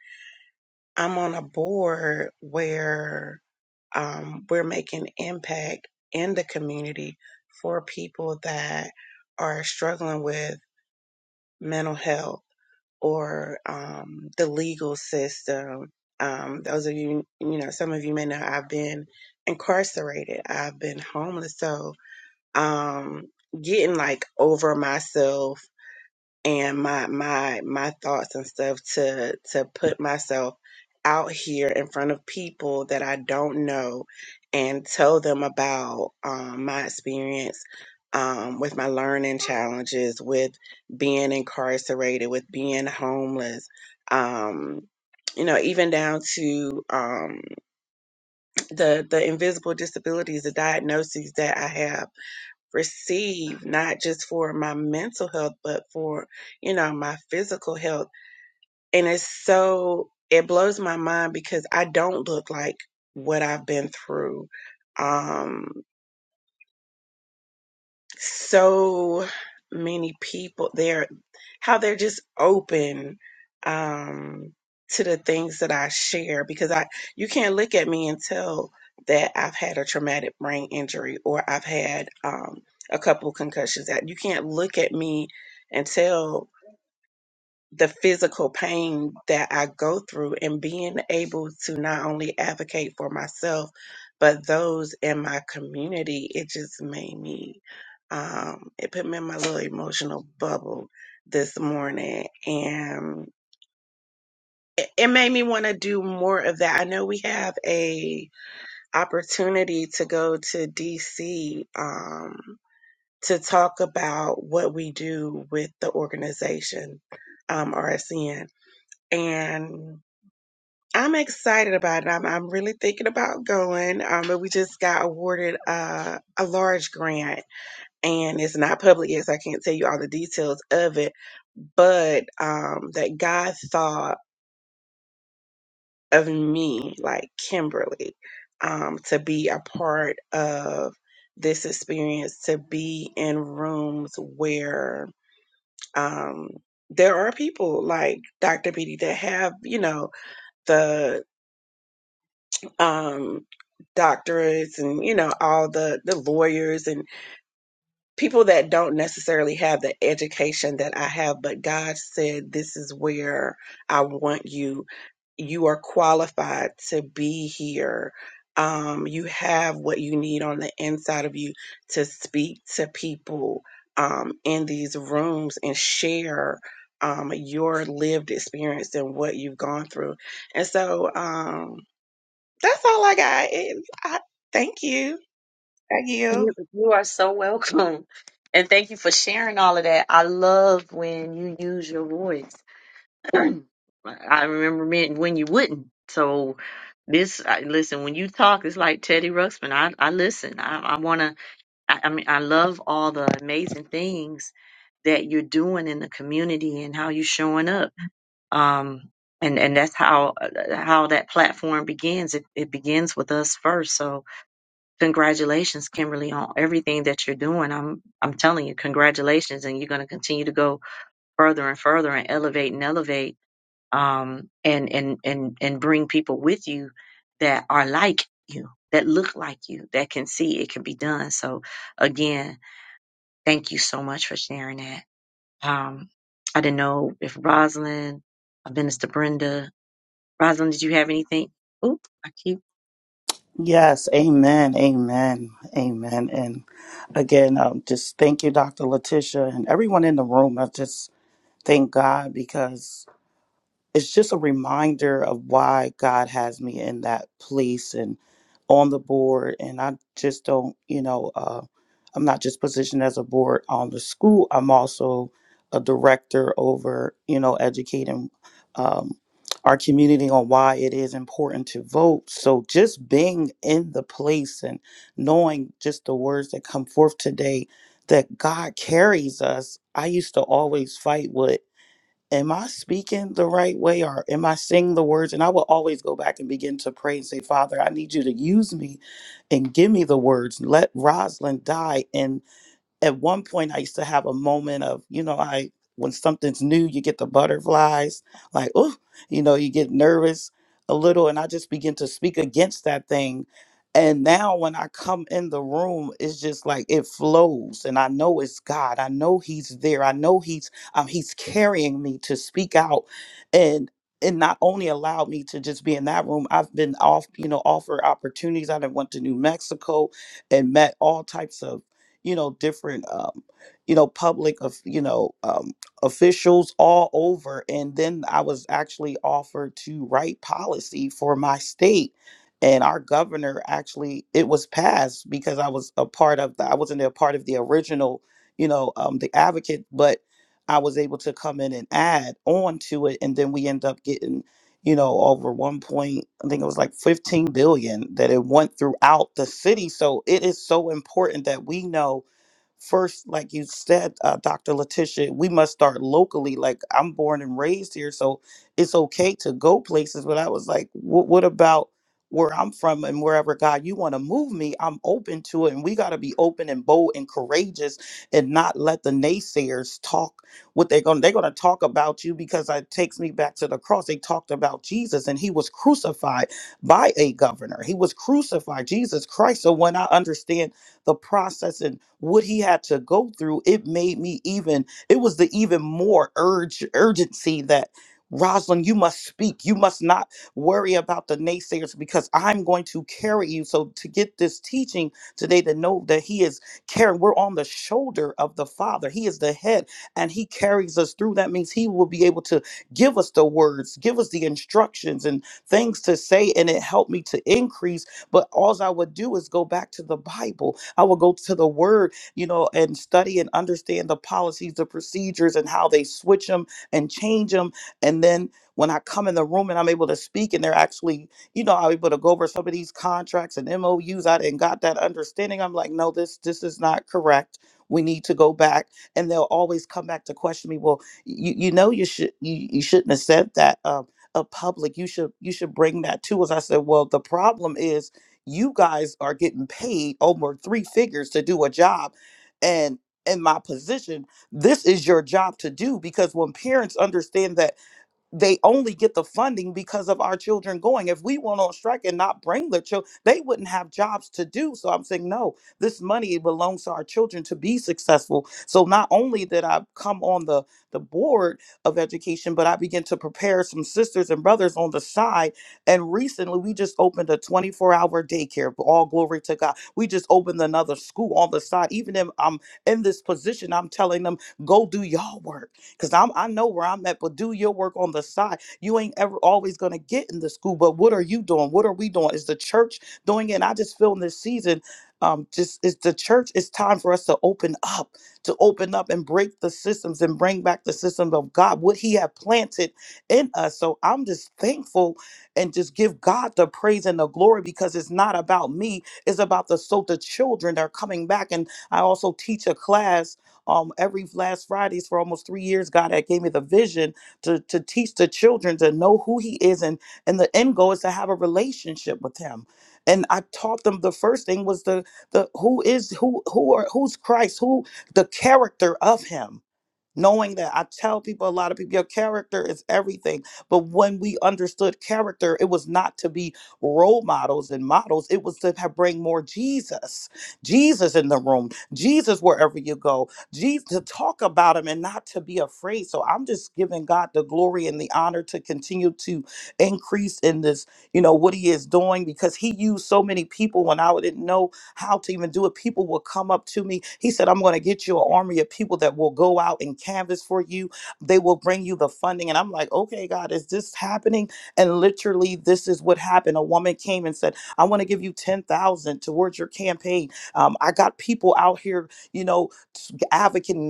I'm on a board where um, we're making impact in the community for people that are struggling with mental health or um, the legal system. Um, those of you, you know, some of you may know I've been incarcerated, I've been homeless. So um, getting like over myself and my my my thoughts and stuff to to put myself out here in front of people that I don't know and tell them about um, my experience um, with my learning challenges, with being incarcerated, with being homeless. Um, you know, even down to um, the the invisible disabilities, the diagnoses that I have receive not just for my mental health but for you know my physical health and it's so it blows my mind because i don't look like what i've been through um so many people there how they're just open um, to the things that I share because I you can't look at me and tell that I've had a traumatic brain injury or I've had um, a couple concussions. That you can't look at me and tell the physical pain that I go through and being able to not only advocate for myself, but those in my community, it just made me, um, it put me in my little emotional bubble this morning. And it it made me want to do more of that. I know we have a opportunity to go to DC, um, to talk about what we do with the organization, um, RSN and I'm excited about it. I'm, I'm really thinking about going, um, but we just got awarded uh, a large grant, and it's not public yet, so I can't tell you all the details of it. But um, that God thought of me, like Kimberly, um, to be a part of this experience, to be in rooms where um, there are people like Dr. Beatty that have, you know, the um, doctors and you know all the the lawyers and people that don't necessarily have the education that I have but God said this is where I want you you are qualified to be here um you have what you need on the inside of you to speak to people um in these rooms and share um your lived experience and what you've gone through and so um, that's all I got. It- I, thank you. Thank you.
You you are so welcome. And thank you for sharing all of that. I love when you use your voice. *clears throat* I remember me- when you wouldn't. So this, I, listen, when you talk, it's like Teddy Ruxpin. I, I listen. I, I want to, I, I mean, I love all the amazing things that you're doing in the community and how you're showing up. Um, and, and that's how, uh, how that platform begins. It, it begins with us first. So, Congratulations, Kimberly, on everything that you're doing. I'm I'm telling you, congratulations, and you're going to continue to go further and further and elevate and elevate, um, and and and and bring people with you that are like you, that look like you, that can see it can be done. So, again, thank you so much for sharing that. Um, I didn't know if Rosalind, uh, Minister Brenda, Rosalind, did you have anything? Oop, I keep.
Yes, amen, amen, amen. And again, um, just thank you, Dr. Letitia, and everyone in the room. I just thank God because. it's just a reminder of why God has me in that place and on the board. And I just don't, you know, uh, I'm not just positioned as a board on the school. I'm also a director over, you know, educating um, our community on why it is important to vote. So just being in the place and knowing just the words that come forth today that God carries us. I used to always fight with am I speaking the right way or am I saying the words? And I will always go back and begin to pray and say, Father, I need you to use me and give me the words. Let Rosalind die at one point I used to have a moment of, you know, I when something's new, you get the butterflies, like, oh, you know, you get nervous a little, and I just begin to speak against that thing. And now when I come in the room, it's just like it flows, and I know it's God. I know He's there. I know He's um, He's carrying me to speak out, and and not only allowed me to just be in that room. I've been off, you know, offered opportunities. I done went to New Mexico and met all types of you know, different, um, you know, public of, you know, um, officials all over. And then I was actually offered to write policy for my state. And our governor actually, it was passed because I was a part of the, I wasn't a part of the original, you know, um, the advocate, but I was able to come in and add on to it. And then we end up getting you know, over one point, I think it was like 15 billion that it went throughout the city. So it is so important that we know first, like you said, uh, Dr. Letitia, we must start locally. Like I'm born and raised here, so it's okay to go places. But I was like, "Wh- what about where I'm from and wherever God you want to move me? I'm open to it. And we got to be open and bold and courageous and not let the naysayers talk what they're going they're going to talk about you because it takes me back to the cross they talked about jesus and he was crucified by a governor he was crucified jesus christ so when i understand the process and what he had to go through it made me even it was the even more urge urgency that Rosalind, you must speak. You must not worry about the naysayers because I'm going to carry you. So, to get this teaching today, to know that He is carrying, we're on the shoulder of the Father. He is the head and he carries us through that means he will be able to give us the words give us the instructions and things to say and it helped me to increase but all i would do is go back to the bible i would go to the word you know and study and understand the policies the procedures and how they switch them and change them and then when i come in the room and i'm able to speak and they're actually you know i'm able to go over some of these contracts and mous i didn't got that understanding i'm like no this this is not correct we need to go back and they'll always come back to question me well you, you know you should you, you shouldn't have said that um a public you should you should bring that to us i said well the problem is you guys are getting paid over three figures to do a job and in my position this is your job to do because when parents understand that they only get the funding because of our children going. If we went on strike and not bring their children, they wouldn't have jobs to do. So I'm saying, no, this money belongs to our children to be successful. So not only did I come on the, the board of education, but I began to prepare some sisters and brothers on the side. And recently we just opened a 24 hour daycare. All glory to God. We just opened another school on the side. Even if I'm in this position, I'm telling them, go do y'all work because I'm I know where I'm at, but do your work on the side. You ain't ever always gonna get in the school, but what are you doing? What are we doing? Is the church doing it? And I just feel in this season, um, just it's the church, it's time for us to open up, to open up and break the systems and bring back the systems of God, what He had planted in us. So I'm just thankful and just give God the praise and the glory because it's not about me, it's about the so the children that are coming back. And I also teach a class um, every last Fridays for almost three years, God had gave me the vision to to teach the children to know who He is, and and the end goal is to have a relationship with Him. And I taught them the first thing was the the who is who who are who's Christ, who the character of Him knowing that i tell people a lot of people your character is everything but when we understood character it was not to be role models and models it was to have bring more jesus jesus in the room jesus wherever you go jesus to talk about him and not to be afraid so i'm just giving god the glory and the honor to continue to increase in this you know what he is doing because he used so many people when i didn't know how to even do it. People will come up to me. He said, I'm going to get you an army of people that will go out and canvas for you. They will bring you the funding. And I'm like, okay, God, is this happening? And literally, this is what happened. A woman came and said, I want to give you 10,000 towards your campaign. Um, I got people out here, you know, advocating,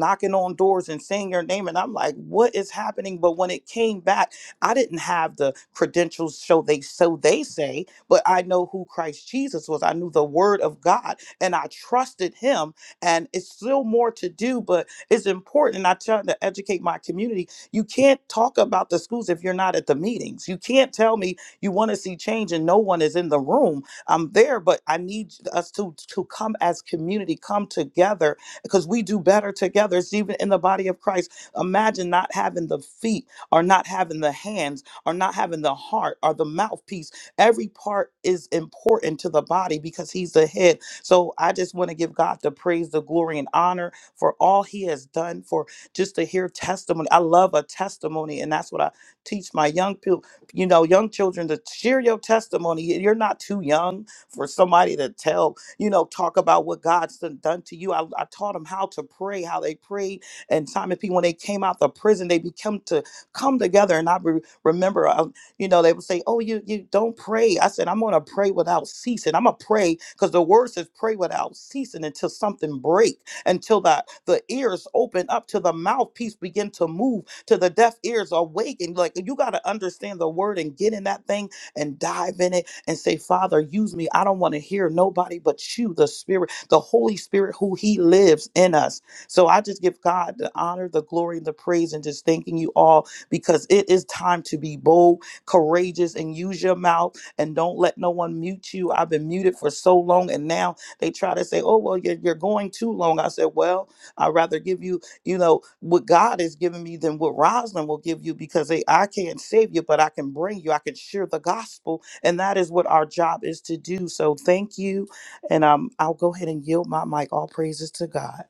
knocking on doors and saying your name. And I'm like, what is happening? But when it came back, I didn't have the credentials, so they so they say but I know who Christ Jesus was. I knew the word of God and I trusted him. And it's still more to do, but it's important. And I try to educate my community. You can't talk about the schools if you're not at the meetings. You can't tell me you want to see change and no one is in the room. I'm there, but I need us to, to come as community, come together because we do better together. It's even in the body of Christ. Imagine not having the feet or not having the hands or not having the heart or the mouthpiece Every part is important to the body because he's the head. So I just want to give God the praise, the glory, and honor for all he has done for just to hear testimony. I love a testimony, and that's what I teach my young people, you know, young children to share your testimony. You- You're not too young for somebody to tell, you know, talk about what God's done done to you. I, I taught them how to pray, how they prayed and Simon P. When they came out the prison, they become to come together. And I re- remember uh, you know, they would say, "Oh, you you don't pray." I said, "I'm gonna pray without ceasing. I'm gonna pray because the word says pray without ceasing until something break, until that the ears open up, till the mouthpiece begin to move, till the deaf ears awaken." Like you gotta understand the word and get in that thing and dive in it and say, "Father, use me. I don't want to hear nobody but you, the Spirit, the Holy Spirit, who He lives in us." So I just give God the honor, the glory, and the praise, and just thanking you all because it is time to be bold courageous and use your mouth and don't let no one mute you. I've been muted for so long, and now they try to say, "Oh, well, you're you're going too long." I said, "Well, I'd rather give you, you know, what God has given me than what Rosalind will give you because they, I can't save you, but I can bring you. I can share the gospel, and that is what our job is to do. So thank you, and um, I'll go ahead and yield my mic. All praises to God.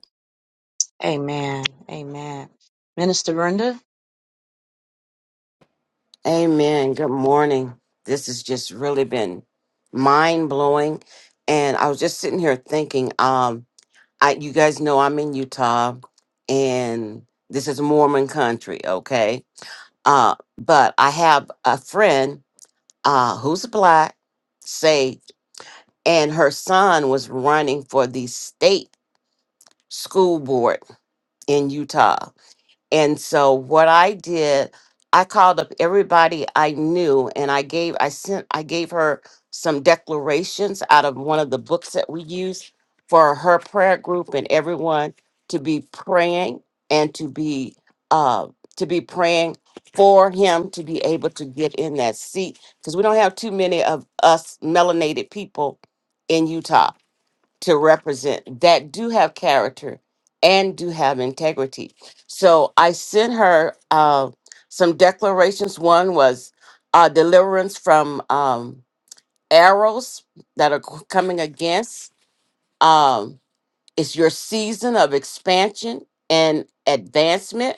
Amen. Amen. Minister Brenda.
Amen. Good morning. This has just really been mind blowing, and I was just sitting here thinking. Um, I you guys know I'm in Utah, and this is Mormon country, okay? Uh, but I have a friend uh who's black, saved, and her son was running for the state school board in Utah And so what I did, I called up everybody I knew and I gave I sent I gave her some declarations out of one of the books that we use for her prayer group and everyone to be praying and to be uh to be praying for him to be able to get in that seat because we don't have too many of us melanated people in Utah to represent that do have character and do have integrity. So I sent her uh, some declarations. One was uh, deliverance from um, arrows that are c- coming against. Um, it's your season of expansion and advancement,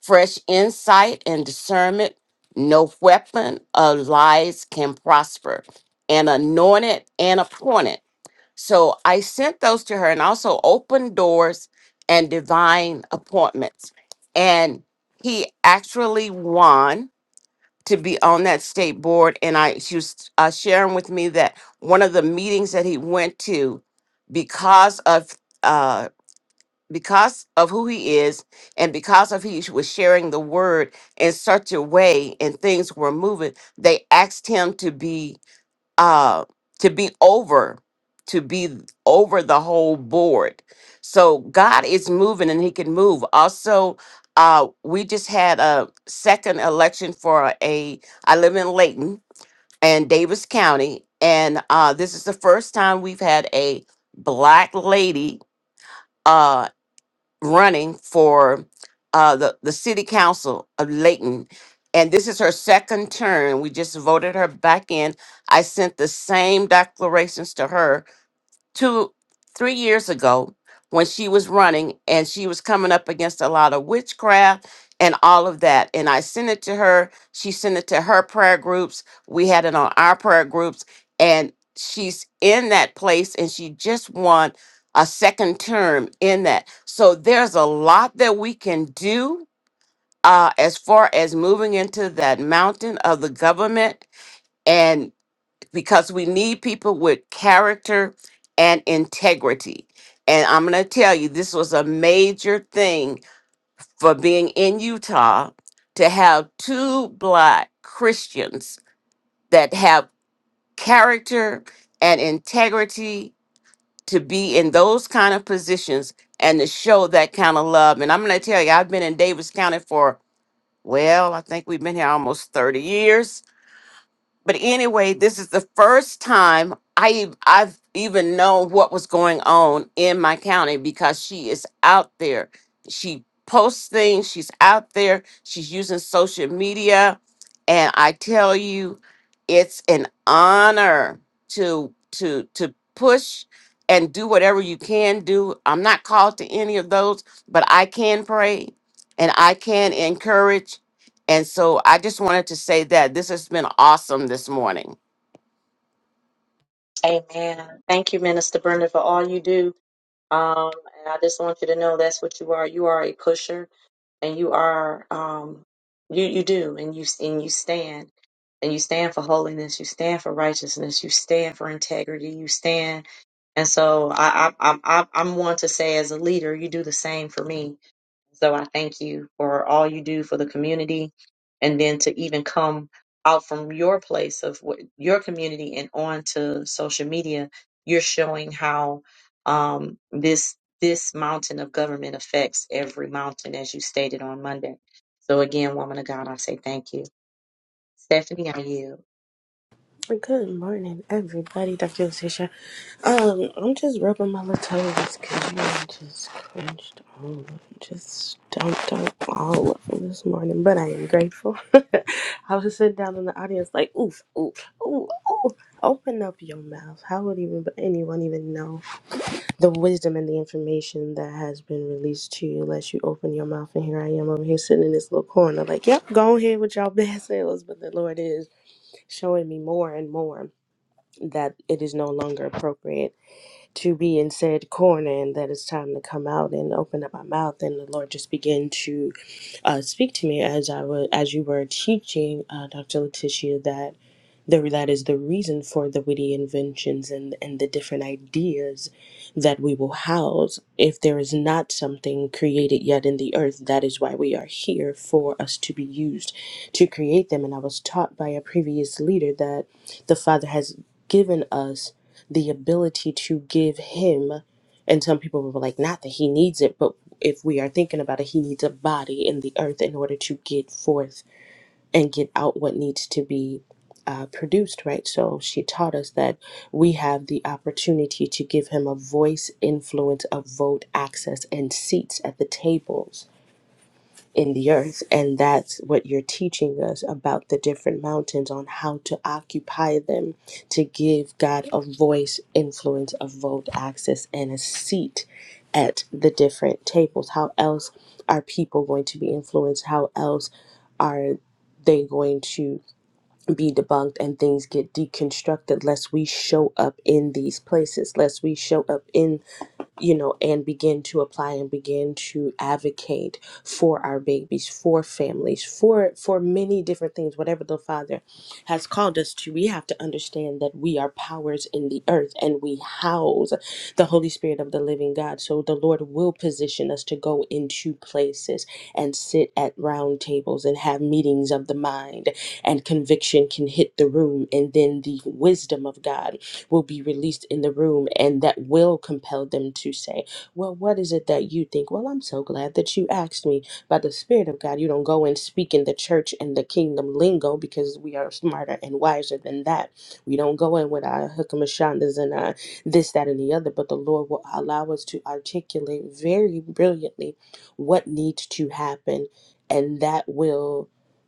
fresh insight and discernment. No weapon of lies can prosper. And anointed and appointed. So I sent those to her and also open doors and divine appointments. And he actually won to be on that state board. And I she was uh, sharing with me that one of the meetings that he went to because of uh because of who he is and because of he was sharing the word in such a way and things were moving they asked him to be uh to be over to be over the whole board so god is moving and he can move also uh we just had a second election for a i live in layton and davis county and uh this is the first time we've had a black lady uh, running for uh, the, the city council of Layton. And this is her second term. We just voted her back in. I sent the same declarations to her two three years ago when she was running and she was coming up against a lot of witchcraft and all of that and i sent it to her she sent it to her prayer groups we had it on our prayer groups and she's in that place and she just won a second term in that so there's a lot that we can do uh, as far as moving into that mountain of the government because we need people with character and integrity. And I'm going to tell you, this was a major thing for being in Utah to have two black Christians that have character and integrity to be in those kind of positions and to show that kind of love. And I'm going to tell you, I've been in Davis County for, well, I think we've been here almost 30 years but anyway, this is the first time I ev- I've even known what was going on in my county because she is out there. She posts things. She's out there. She's using social media, and I tell you, it's an honor to to to push and do whatever you can do. I'm not called to any of those, but I can pray and I can encourage and so I just wanted to say that this has been awesome this morning.
Amen. Thank you, Minister Brenda, for all you do. Um, and I just want you to know that's what you are. You are a pusher, and you are um, you you do, and you and you stand, and you stand for holiness. You stand for righteousness. You stand for integrity. You stand, and so I I I'm I'm I'm one to say as a leader, you do the same for me so I thank you for all you do for the community and then to even come out from your place of what, your community and on to social media, you're showing how um, this this mountain of government affects every mountain, as you stated on Monday. So again, woman of God, I say thank you. Stephanie, I yield.
Good morning, everybody. Dr. Lucia. Um, I'm just rubbing my little toes because you know, I just cringed. all of them, just dumped on all of them this morning. But I am grateful. *laughs* I was sitting down in the audience, like, oof, oof, ooh, ooh. Open up your mouth. How would even anyone even know the wisdom and the information that has been released to you unless you open your mouth? And here I am over here sitting in this little corner, like, yep, go ahead with y'all bad sales. But the Lord is showing me more and more that it is no longer appropriate to be in said corner and that it's time to come out and open up my mouth and the lord just began to uh, speak to me as i was as you were teaching uh, dr letitia that the, that is the reason for the witty inventions and, and the different ideas that we will house. If there is not something created yet in the earth, that is why we are here for us to be used to create them. And I was taught by a previous leader that the Father has given us the ability to give Him. And some people were like, not that He needs it, but if we are thinking about it, He needs a body in the earth in order to get forth and get out what needs to be uh, produced, right? So she taught us that we have the opportunity to give him a voice, influence, a vote, access, and seats at the tables in the earth. And that's what you're teaching us about the different mountains on how to occupy them to give God a voice, influence, a vote, access, and a seat at the different tables. How else are people going to be influenced? How else are they going to? be debunked and things get deconstructed lest we show up in these places lest we show up in you know and begin to apply and begin to advocate for our babies for families for for many different things whatever the father has called us to we have to understand that we are powers in the earth and we house the holy spirit of the living god so the lord will position us to go into places and sit at round tables and have meetings of the mind and conviction can hit the room, and then the wisdom of God will be released in the room, and that will compel them to say, Well, what is it that you think? Well, I'm so glad that you asked me. By the Spirit of God, you don't go and speak in the church and the kingdom lingo because we are smarter and wiser than that. We don't go in with our hukamashandas and our this, that, and the other, but the Lord will allow us to articulate very brilliantly what needs to happen, and that will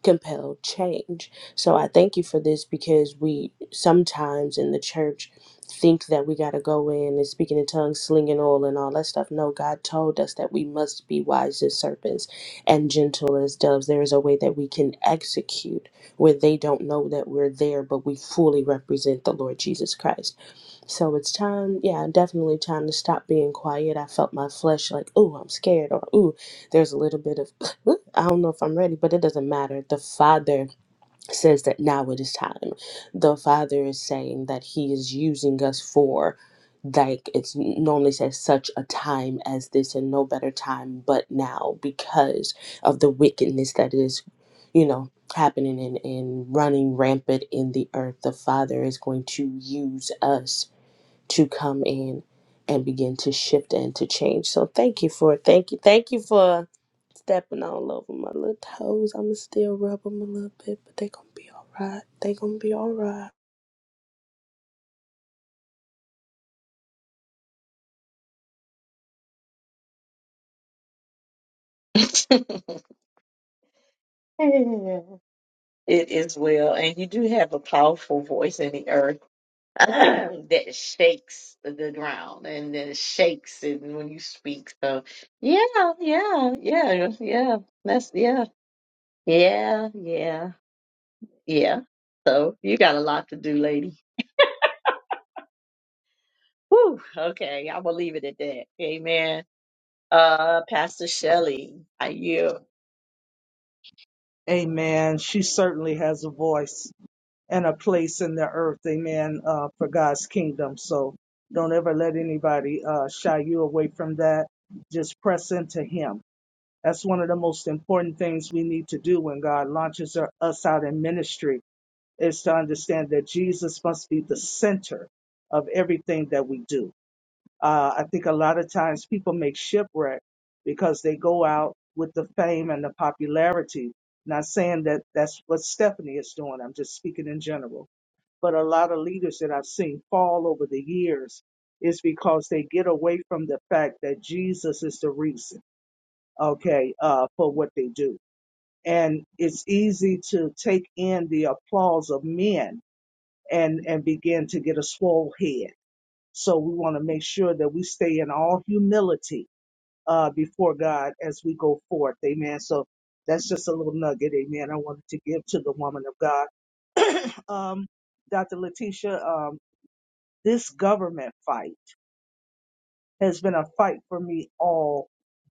compel change. So I thank you for this because we sometimes in the church think that we got to go in and speaking in tongues, slinging oil, and all that stuff. No, God told us that we must be wise as serpents and gentle as doves. There is a way that we can execute where they don't know that we're there, but we fully represent the Lord Jesus Christ. So it's time, yeah, definitely time to stop being quiet. I felt my flesh like, ooh, I'm scared, or ooh, there's a little bit of, *laughs* *clears throat* I don't know if I'm ready, but it doesn't matter. The Father says that now it is time. The Father is saying that He is using us for, like, it's normally says, such a time as this, and no better time but now because of the wickedness that is, you know, happening and, and running rampant in the earth. The Father is going to use us to come in and begin to shift and to change. So thank you for thank you thank you for stepping all over my little toes. I'ma still rub them a little bit, but they gonna be all right. They gonna be all right.
*laughs* it is well, and you do have a powerful voice in the earth. *laughs* *clears throat* that shakes the ground and then it shakes it when you speak. So yeah, yeah, yeah, yeah. That's yeah, yeah, yeah, yeah. So you got a lot to do, lady. Whew, okay, I'm gonna leave it at that. Amen. Uh, Pastor Shelley, are you?
Amen. She certainly has a voice and a place in the earth. Amen. Uh, for God's kingdom. So don't ever let anybody uh, shy you away from that. Just press into Him. That's one of the most important things we need to do when God launches our- us out in ministry is to understand that Jesus must be the center of everything that we do. Uh, I think a lot of times people make shipwreck because they go out with the fame and the popularity. Not saying that that's what Stephanie is doing. I'm just speaking in general. But a lot of leaders that I've seen fall over the years is because they get away from the fact that Jesus is the reason, okay, uh, for what they do. And it's easy to take in the applause of men and and begin to get a swole head so we want to make sure that we stay in all humility uh, before God as we go forth. Amen. So that's just a little nugget. Amen. I wanted to give to the woman of God. Um, Dr. Letitia, um, this government fight has been a fight for me all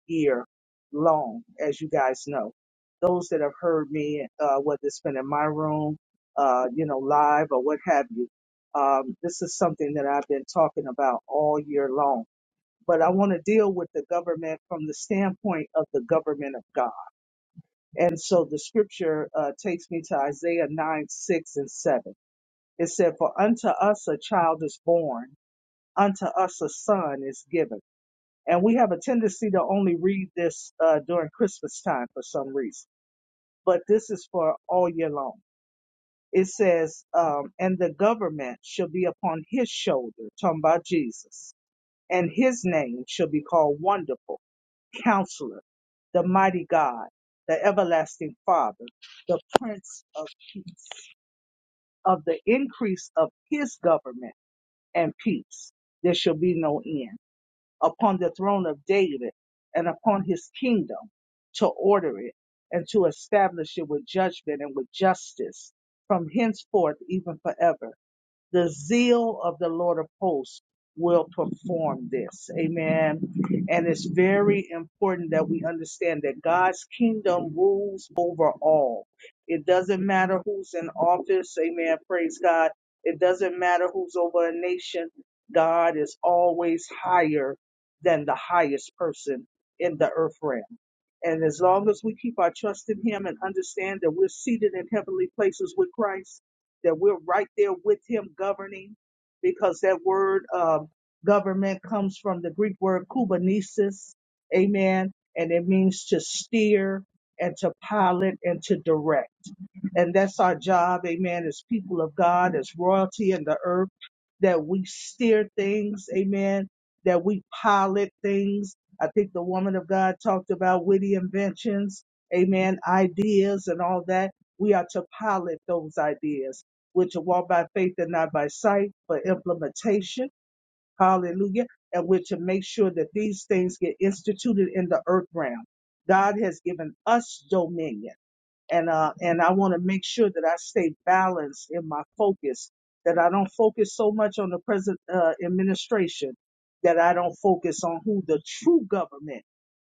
year long, as you guys know. Those that have heard me, uh, whether it's been in my room, uh, you know, live or what have you, um, this is something that I've been talking about all year long but I want to deal with the government from the standpoint of the government of God. And so the scripture uh, takes me to Isaiah 9, 6, and 7. It said, For unto us a child is born, unto us a son is given. And we have a tendency to only read this uh, during Christmas time for some reason, but this is for all year long. It says, um, and the government shall be upon his shoulder, talking about Jesus, and his name shall be called Wonderful Counselor, the Mighty God, the Everlasting Father, the Prince of Peace, of the increase of his government and peace. There shall be no end upon the throne of David and upon his kingdom to order it and to establish it with judgment and with justice from henceforth, even forever the zeal of the Lord of hosts will perform this. Amen. And it's very important that we understand that God's kingdom rules over all. It doesn't matter who's in office. Amen. Praise God. It doesn't matter who's over a nation. God is always higher than the highest person in the earth realm. And as long as we keep our trust in Him and understand that we're seated in heavenly places with Christ, that we're right there with him governing because that word um, government comes from the Greek word kubernesis, amen, and it means to steer and to pilot and to direct. And that's our job, amen, as people of God, as royalty in the earth, that we steer things, amen, that we pilot things. I think the woman of God talked about witty inventions, amen, ideas and all that. We are to pilot those ideas. We're to walk by faith and not by sight for implementation. Hallelujah. And we're to make sure that these things get instituted in the earth realm. God has given us dominion and uh and I want to make sure that I stay balanced in my focus that I don't focus so much on the present uh, administration that I don't focus on who the true government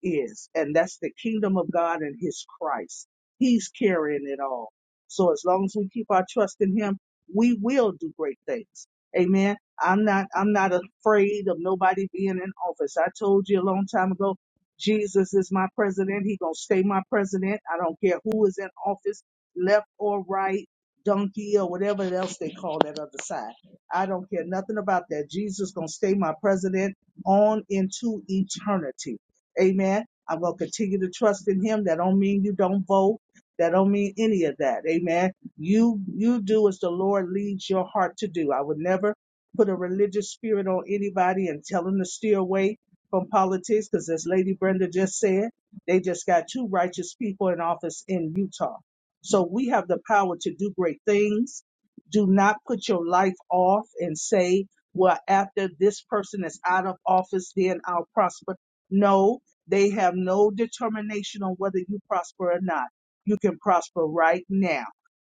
is, and that's the kingdom of God and His Christ. He's carrying it all. So as long as we keep our trust in Him, we will do great things. Amen. I'm not. I'm not afraid of nobody being in office. I told you a long time ago. Jesus is my president. He gonna stay my president. I don't care who is in office, left or right, donkey or whatever else they call that other side. I don't care nothing about that. Jesus gonna stay my president on into eternity. Amen. I'm going to continue to trust in him. That don't mean you don't vote. That don't mean any of that. Amen. You you do as the Lord leads your heart to do. I would never put a religious spirit on anybody and tell them to steer away from politics because as Lady Brenda just said, they just got two righteous people in office in Utah. So we have the power to do great things. Do not put your life off and say, well, after this person is out of office, then I'll prosper. No, they have no determination on whether you prosper or not. You can prosper right now.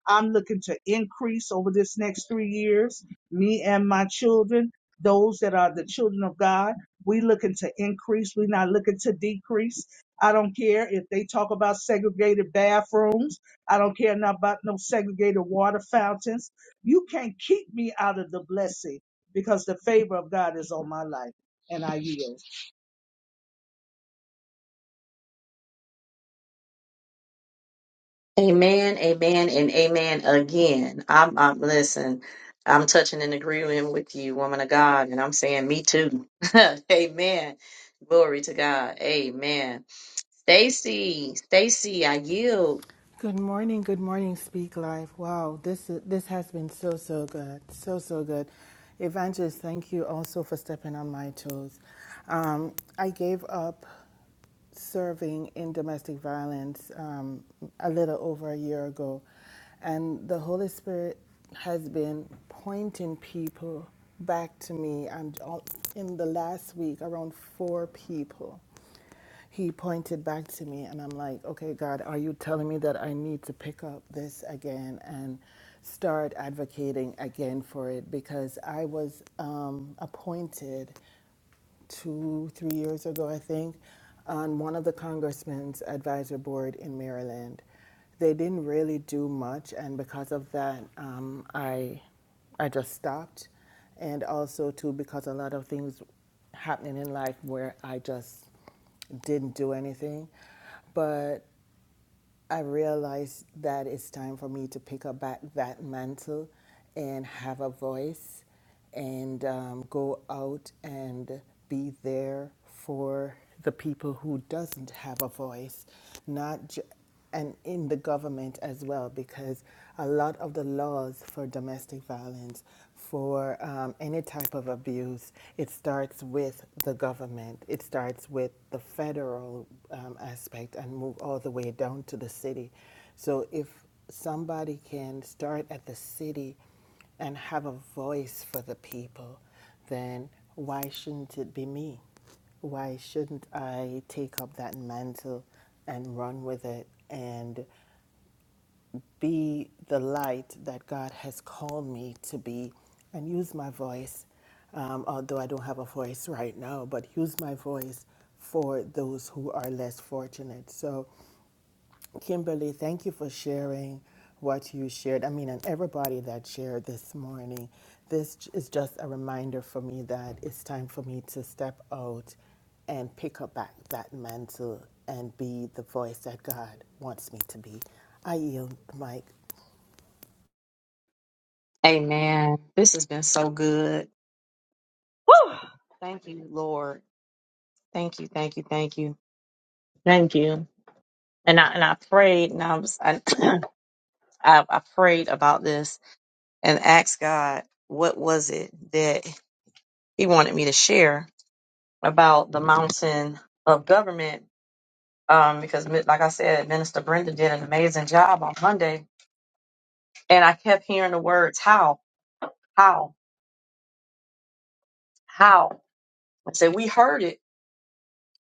I'm looking to increase over this next three years. Me and my children, those that are the children of God, we looking to increase. We're not looking to decrease. I don't care if they talk about segregated bathrooms. I don't care not about no segregated water fountains. You can't keep me out of the blessing because the favor of God is on my life and I yield.
Amen, amen, and amen again. I'm, I'm listen. I'm touching and agreeing with you, woman of God, and I'm saying me too. *laughs* amen. Glory to God. Amen. Stacy, Stacy, I yield.
Good morning, good morning, Speak Life. Wow, this this has been so so good, so so good. Evangelist, thank you also for stepping on my toes. Um, I gave up serving in domestic violence um, a little over a year ago, and the Holy Spirit has been pointing people back to me. And all, in the last week, around four people, he pointed back to me, and I'm like, okay, God, are you telling me that I need to pick up this again and start advocating again for it? Because I was um, appointed two, three years ago, I think, on one of the congressman's advisor board in Maryland. They didn't really do much, and because of that, um, I, I just stopped. And also, too, because a lot of things happening in life where I just didn't do anything. But I realized that it's time for me to pick up back that mantle and have a voice and um, go out and be there for the people who doesn't have a voice, not ju- and in the government as well, because a lot of the laws for domestic violence for um, any type of abuse, it starts with the government. It starts with the federal um, aspect and move all the way down to the city. So if somebody can start at the city and have a voice for the people, then why shouldn't it be me? Why shouldn't I take up that mantle and run with it and be the light that God has called me to be and use my voice, um, although I don't have a voice right now, but use my voice for those who are less fortunate. So, Kimberly, thank you for sharing what you shared. I mean, and everybody that shared this morning. This j- is just a reminder for me that it's time for me to step out and pick up back that mantle and be the voice that God wants me to be. I yield the mic.
Amen. This has been so good. Woo! Thank you, Lord. Thank you, thank you, thank you, thank you. And I and I prayed, and I was I *clears throat* I, I prayed about this and asked God, what was it that He wanted me to share? about the mountain of government um, because, mi- like I said, Minister Brenda did an amazing job on Monday, and I kept hearing the words "how, how, how." I said we heard it,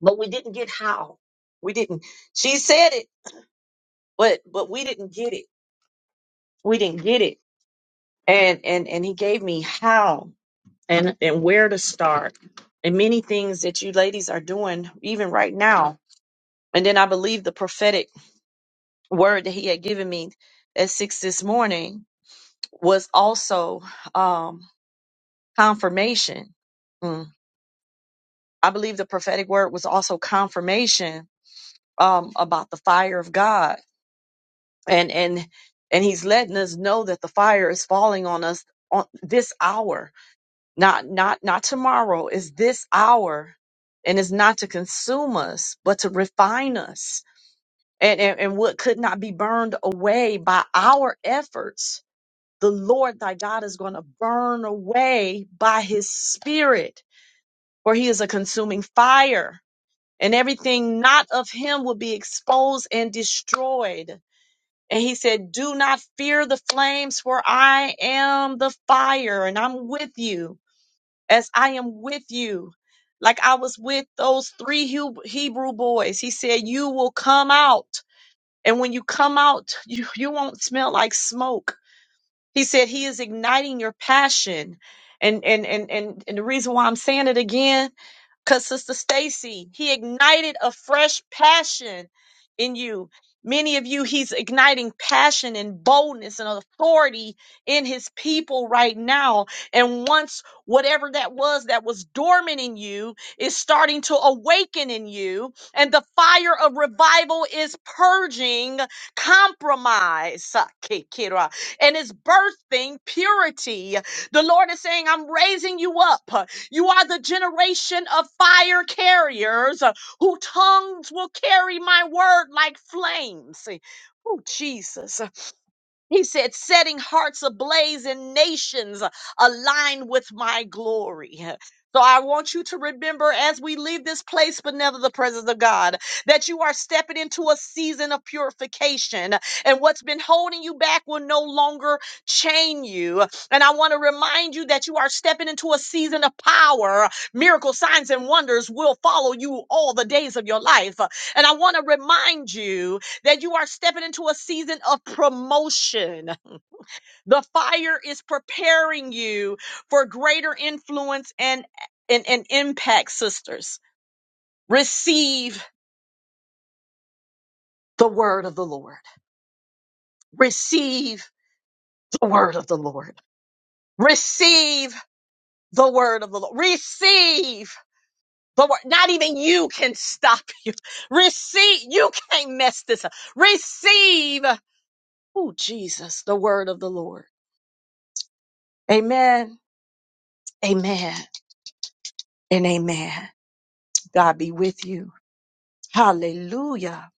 but we didn't get how. We didn't. She said it, but but we didn't get it. We didn't get it. And and and he gave me how and and where to start, and many things that you ladies are doing even right now. And then I believe the prophetic word that he had given me at six this morning was also um, confirmation. Mm. I believe the prophetic word was also confirmation um, about the fire of God, and and and He's letting us know that the fire is falling on us on this hour, not not not tomorrow. Is this hour, and it's not to consume us, but to refine us. And, and, and what could not be burned away by our efforts the Lord thy God is going to burn away by his spirit, for he is a consuming fire, and everything not of him will be exposed and destroyed. And he said, Do not fear the flames, for I am the fire, and I'm with you as I am with you. Like I was with those three Hu- Hebrew boys. He said, You will come out. And when you come out, *laughs* you, you won't smell like smoke he said he is igniting your passion. And and and and, and the reason why I'm saying it again because Sister Stacy, he ignited a fresh passion in you. Many of you, he's igniting passion and boldness and authority in his people right now. And once whatever that was that was dormant in you is starting to awaken in you, and the fire of revival is purging compromise, uh, ki- Kira, and is birthing purity. The Lord is saying, I'm raising you up. You are the generation of fire carriers uh, who tongues will carry my word like flames. Oh, Jesus. He said, setting hearts ablaze and nations aligned with my glory. So I want you to remember as we leave this place, but never the presence of God, that you are stepping into a season of purification and what's been holding you back will no longer chain you. And I want to remind you that you are stepping into a season of power. Miracle signs and wonders will follow you all the days of your life. And I want to remind you that you are stepping into a season of promotion. The fire is preparing you for greater influence and, and, and impact, sisters. Receive the word of the Lord. Receive the word of the Lord. Receive the word of the Lord. Receive the word. Not even you can stop you. Receive. You can't mess this up. Receive. Oh, Jesus, the word of the Lord. Amen. Amen and amen. God be with you. Hallelujah.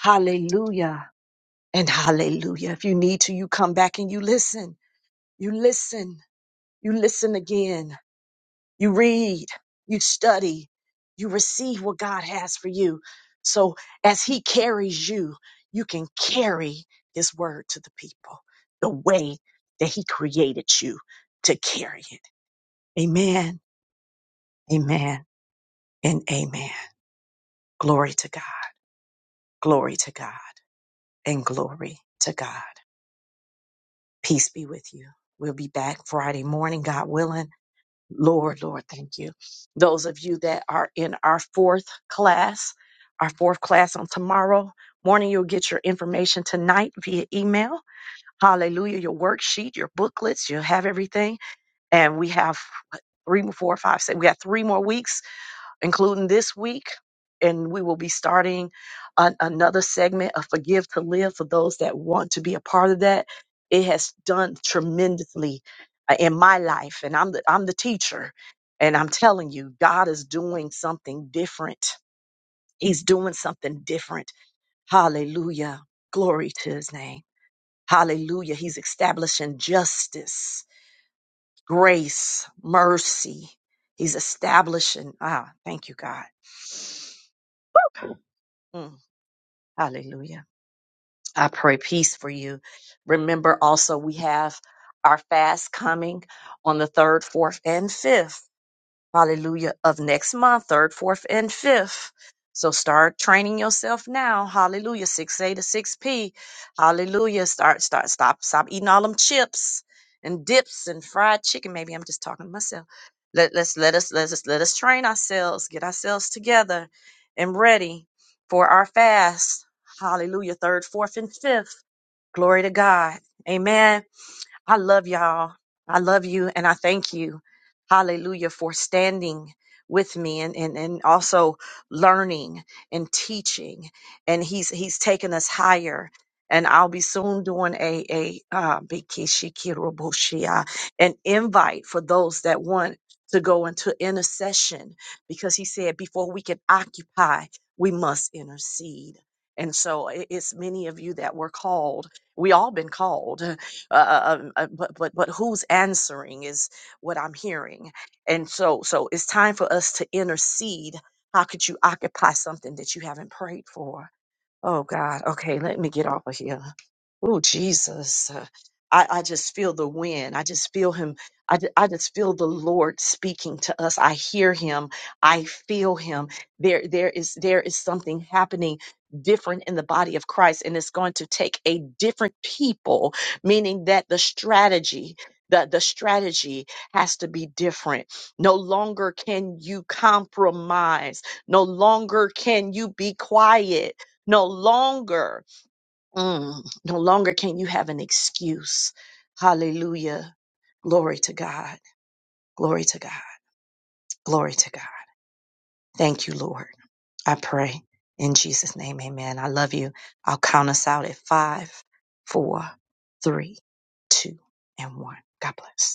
Hallelujah. And hallelujah. If you need to, you come back and you listen. You listen. You listen again. You read. You study. You receive what God has for you. So as He carries you, you can carry His word to the people the way that He created you to carry it. Amen. Amen. And amen. Glory to God. Glory to God. And glory to God. Peace be with you. We'll be back Friday morning, God willing. Lord, Lord, thank you. Those of you that are in our fourth class, our fourth class on tomorrow morning, you'll get your information tonight via email. Hallelujah. Your worksheet, your booklets, you'll have everything. And we have what, three, four, five, six. We got three more weeks including this week. And we will be starting an, another segment of Forgive to Live for those that want to be a part of that. It has done tremendously uh, in my life. And I'm the, I'm the teacher. And I'm telling you, God is doing something different. He's doing something different. Hallelujah. Glory to his name. Hallelujah. He's establishing justice, grace, mercy. He's establishing, ah, thank you, God. Mm, Hallelujah. I pray peace for you. Remember also, we have our fast coming on the 3rd, 4th, and 5th hallelujah, of next month, third, fourth, and fifth. So start training yourself now. Hallelujah. 6A to 6P. Hallelujah. Start, start, stop, stop eating all them chips and dips and fried chicken. Maybe I'm just talking to myself. Let, let's let us let us let us train ourselves, get ourselves together and ready for our fast. Hallelujah. Third, fourth, and fifth. Glory to God. Amen. I love y'all. I love you and I thank you. Hallelujah for standing with me and, and, and also learning and teaching. And he's he's taken us higher. And I'll be soon doing a a uh, bikishikiroboshia, an invite for those that want to go into intercession because he said before we can occupy, we must intercede. And so it- it's many of you that were called. We all been called uh, uh, um, uh, but but but who's answering is what I'm hearing, and so so it's time for us to intercede. How could you occupy something that you haven't prayed for? Oh God. Okay, let me get off of here. Oh Jesus. Uh, I, I just feel the wind. I just feel him. I, ju- I just feel the Lord speaking to us. I hear him. I feel him. There there is there is something happening different in the body of Christ and it's going to take a different people, meaning that the strategy the, the strategy has to be different. No longer can you compromise. No longer can you be quiet no longer, mm, no longer can you have an excuse. Hallelujah. Glory to God. Glory to God. Glory to God. Thank you, Lord. I pray in Jesus' name. Amen. I love you. I'll count us out at five, four, three, two, and one. God bless.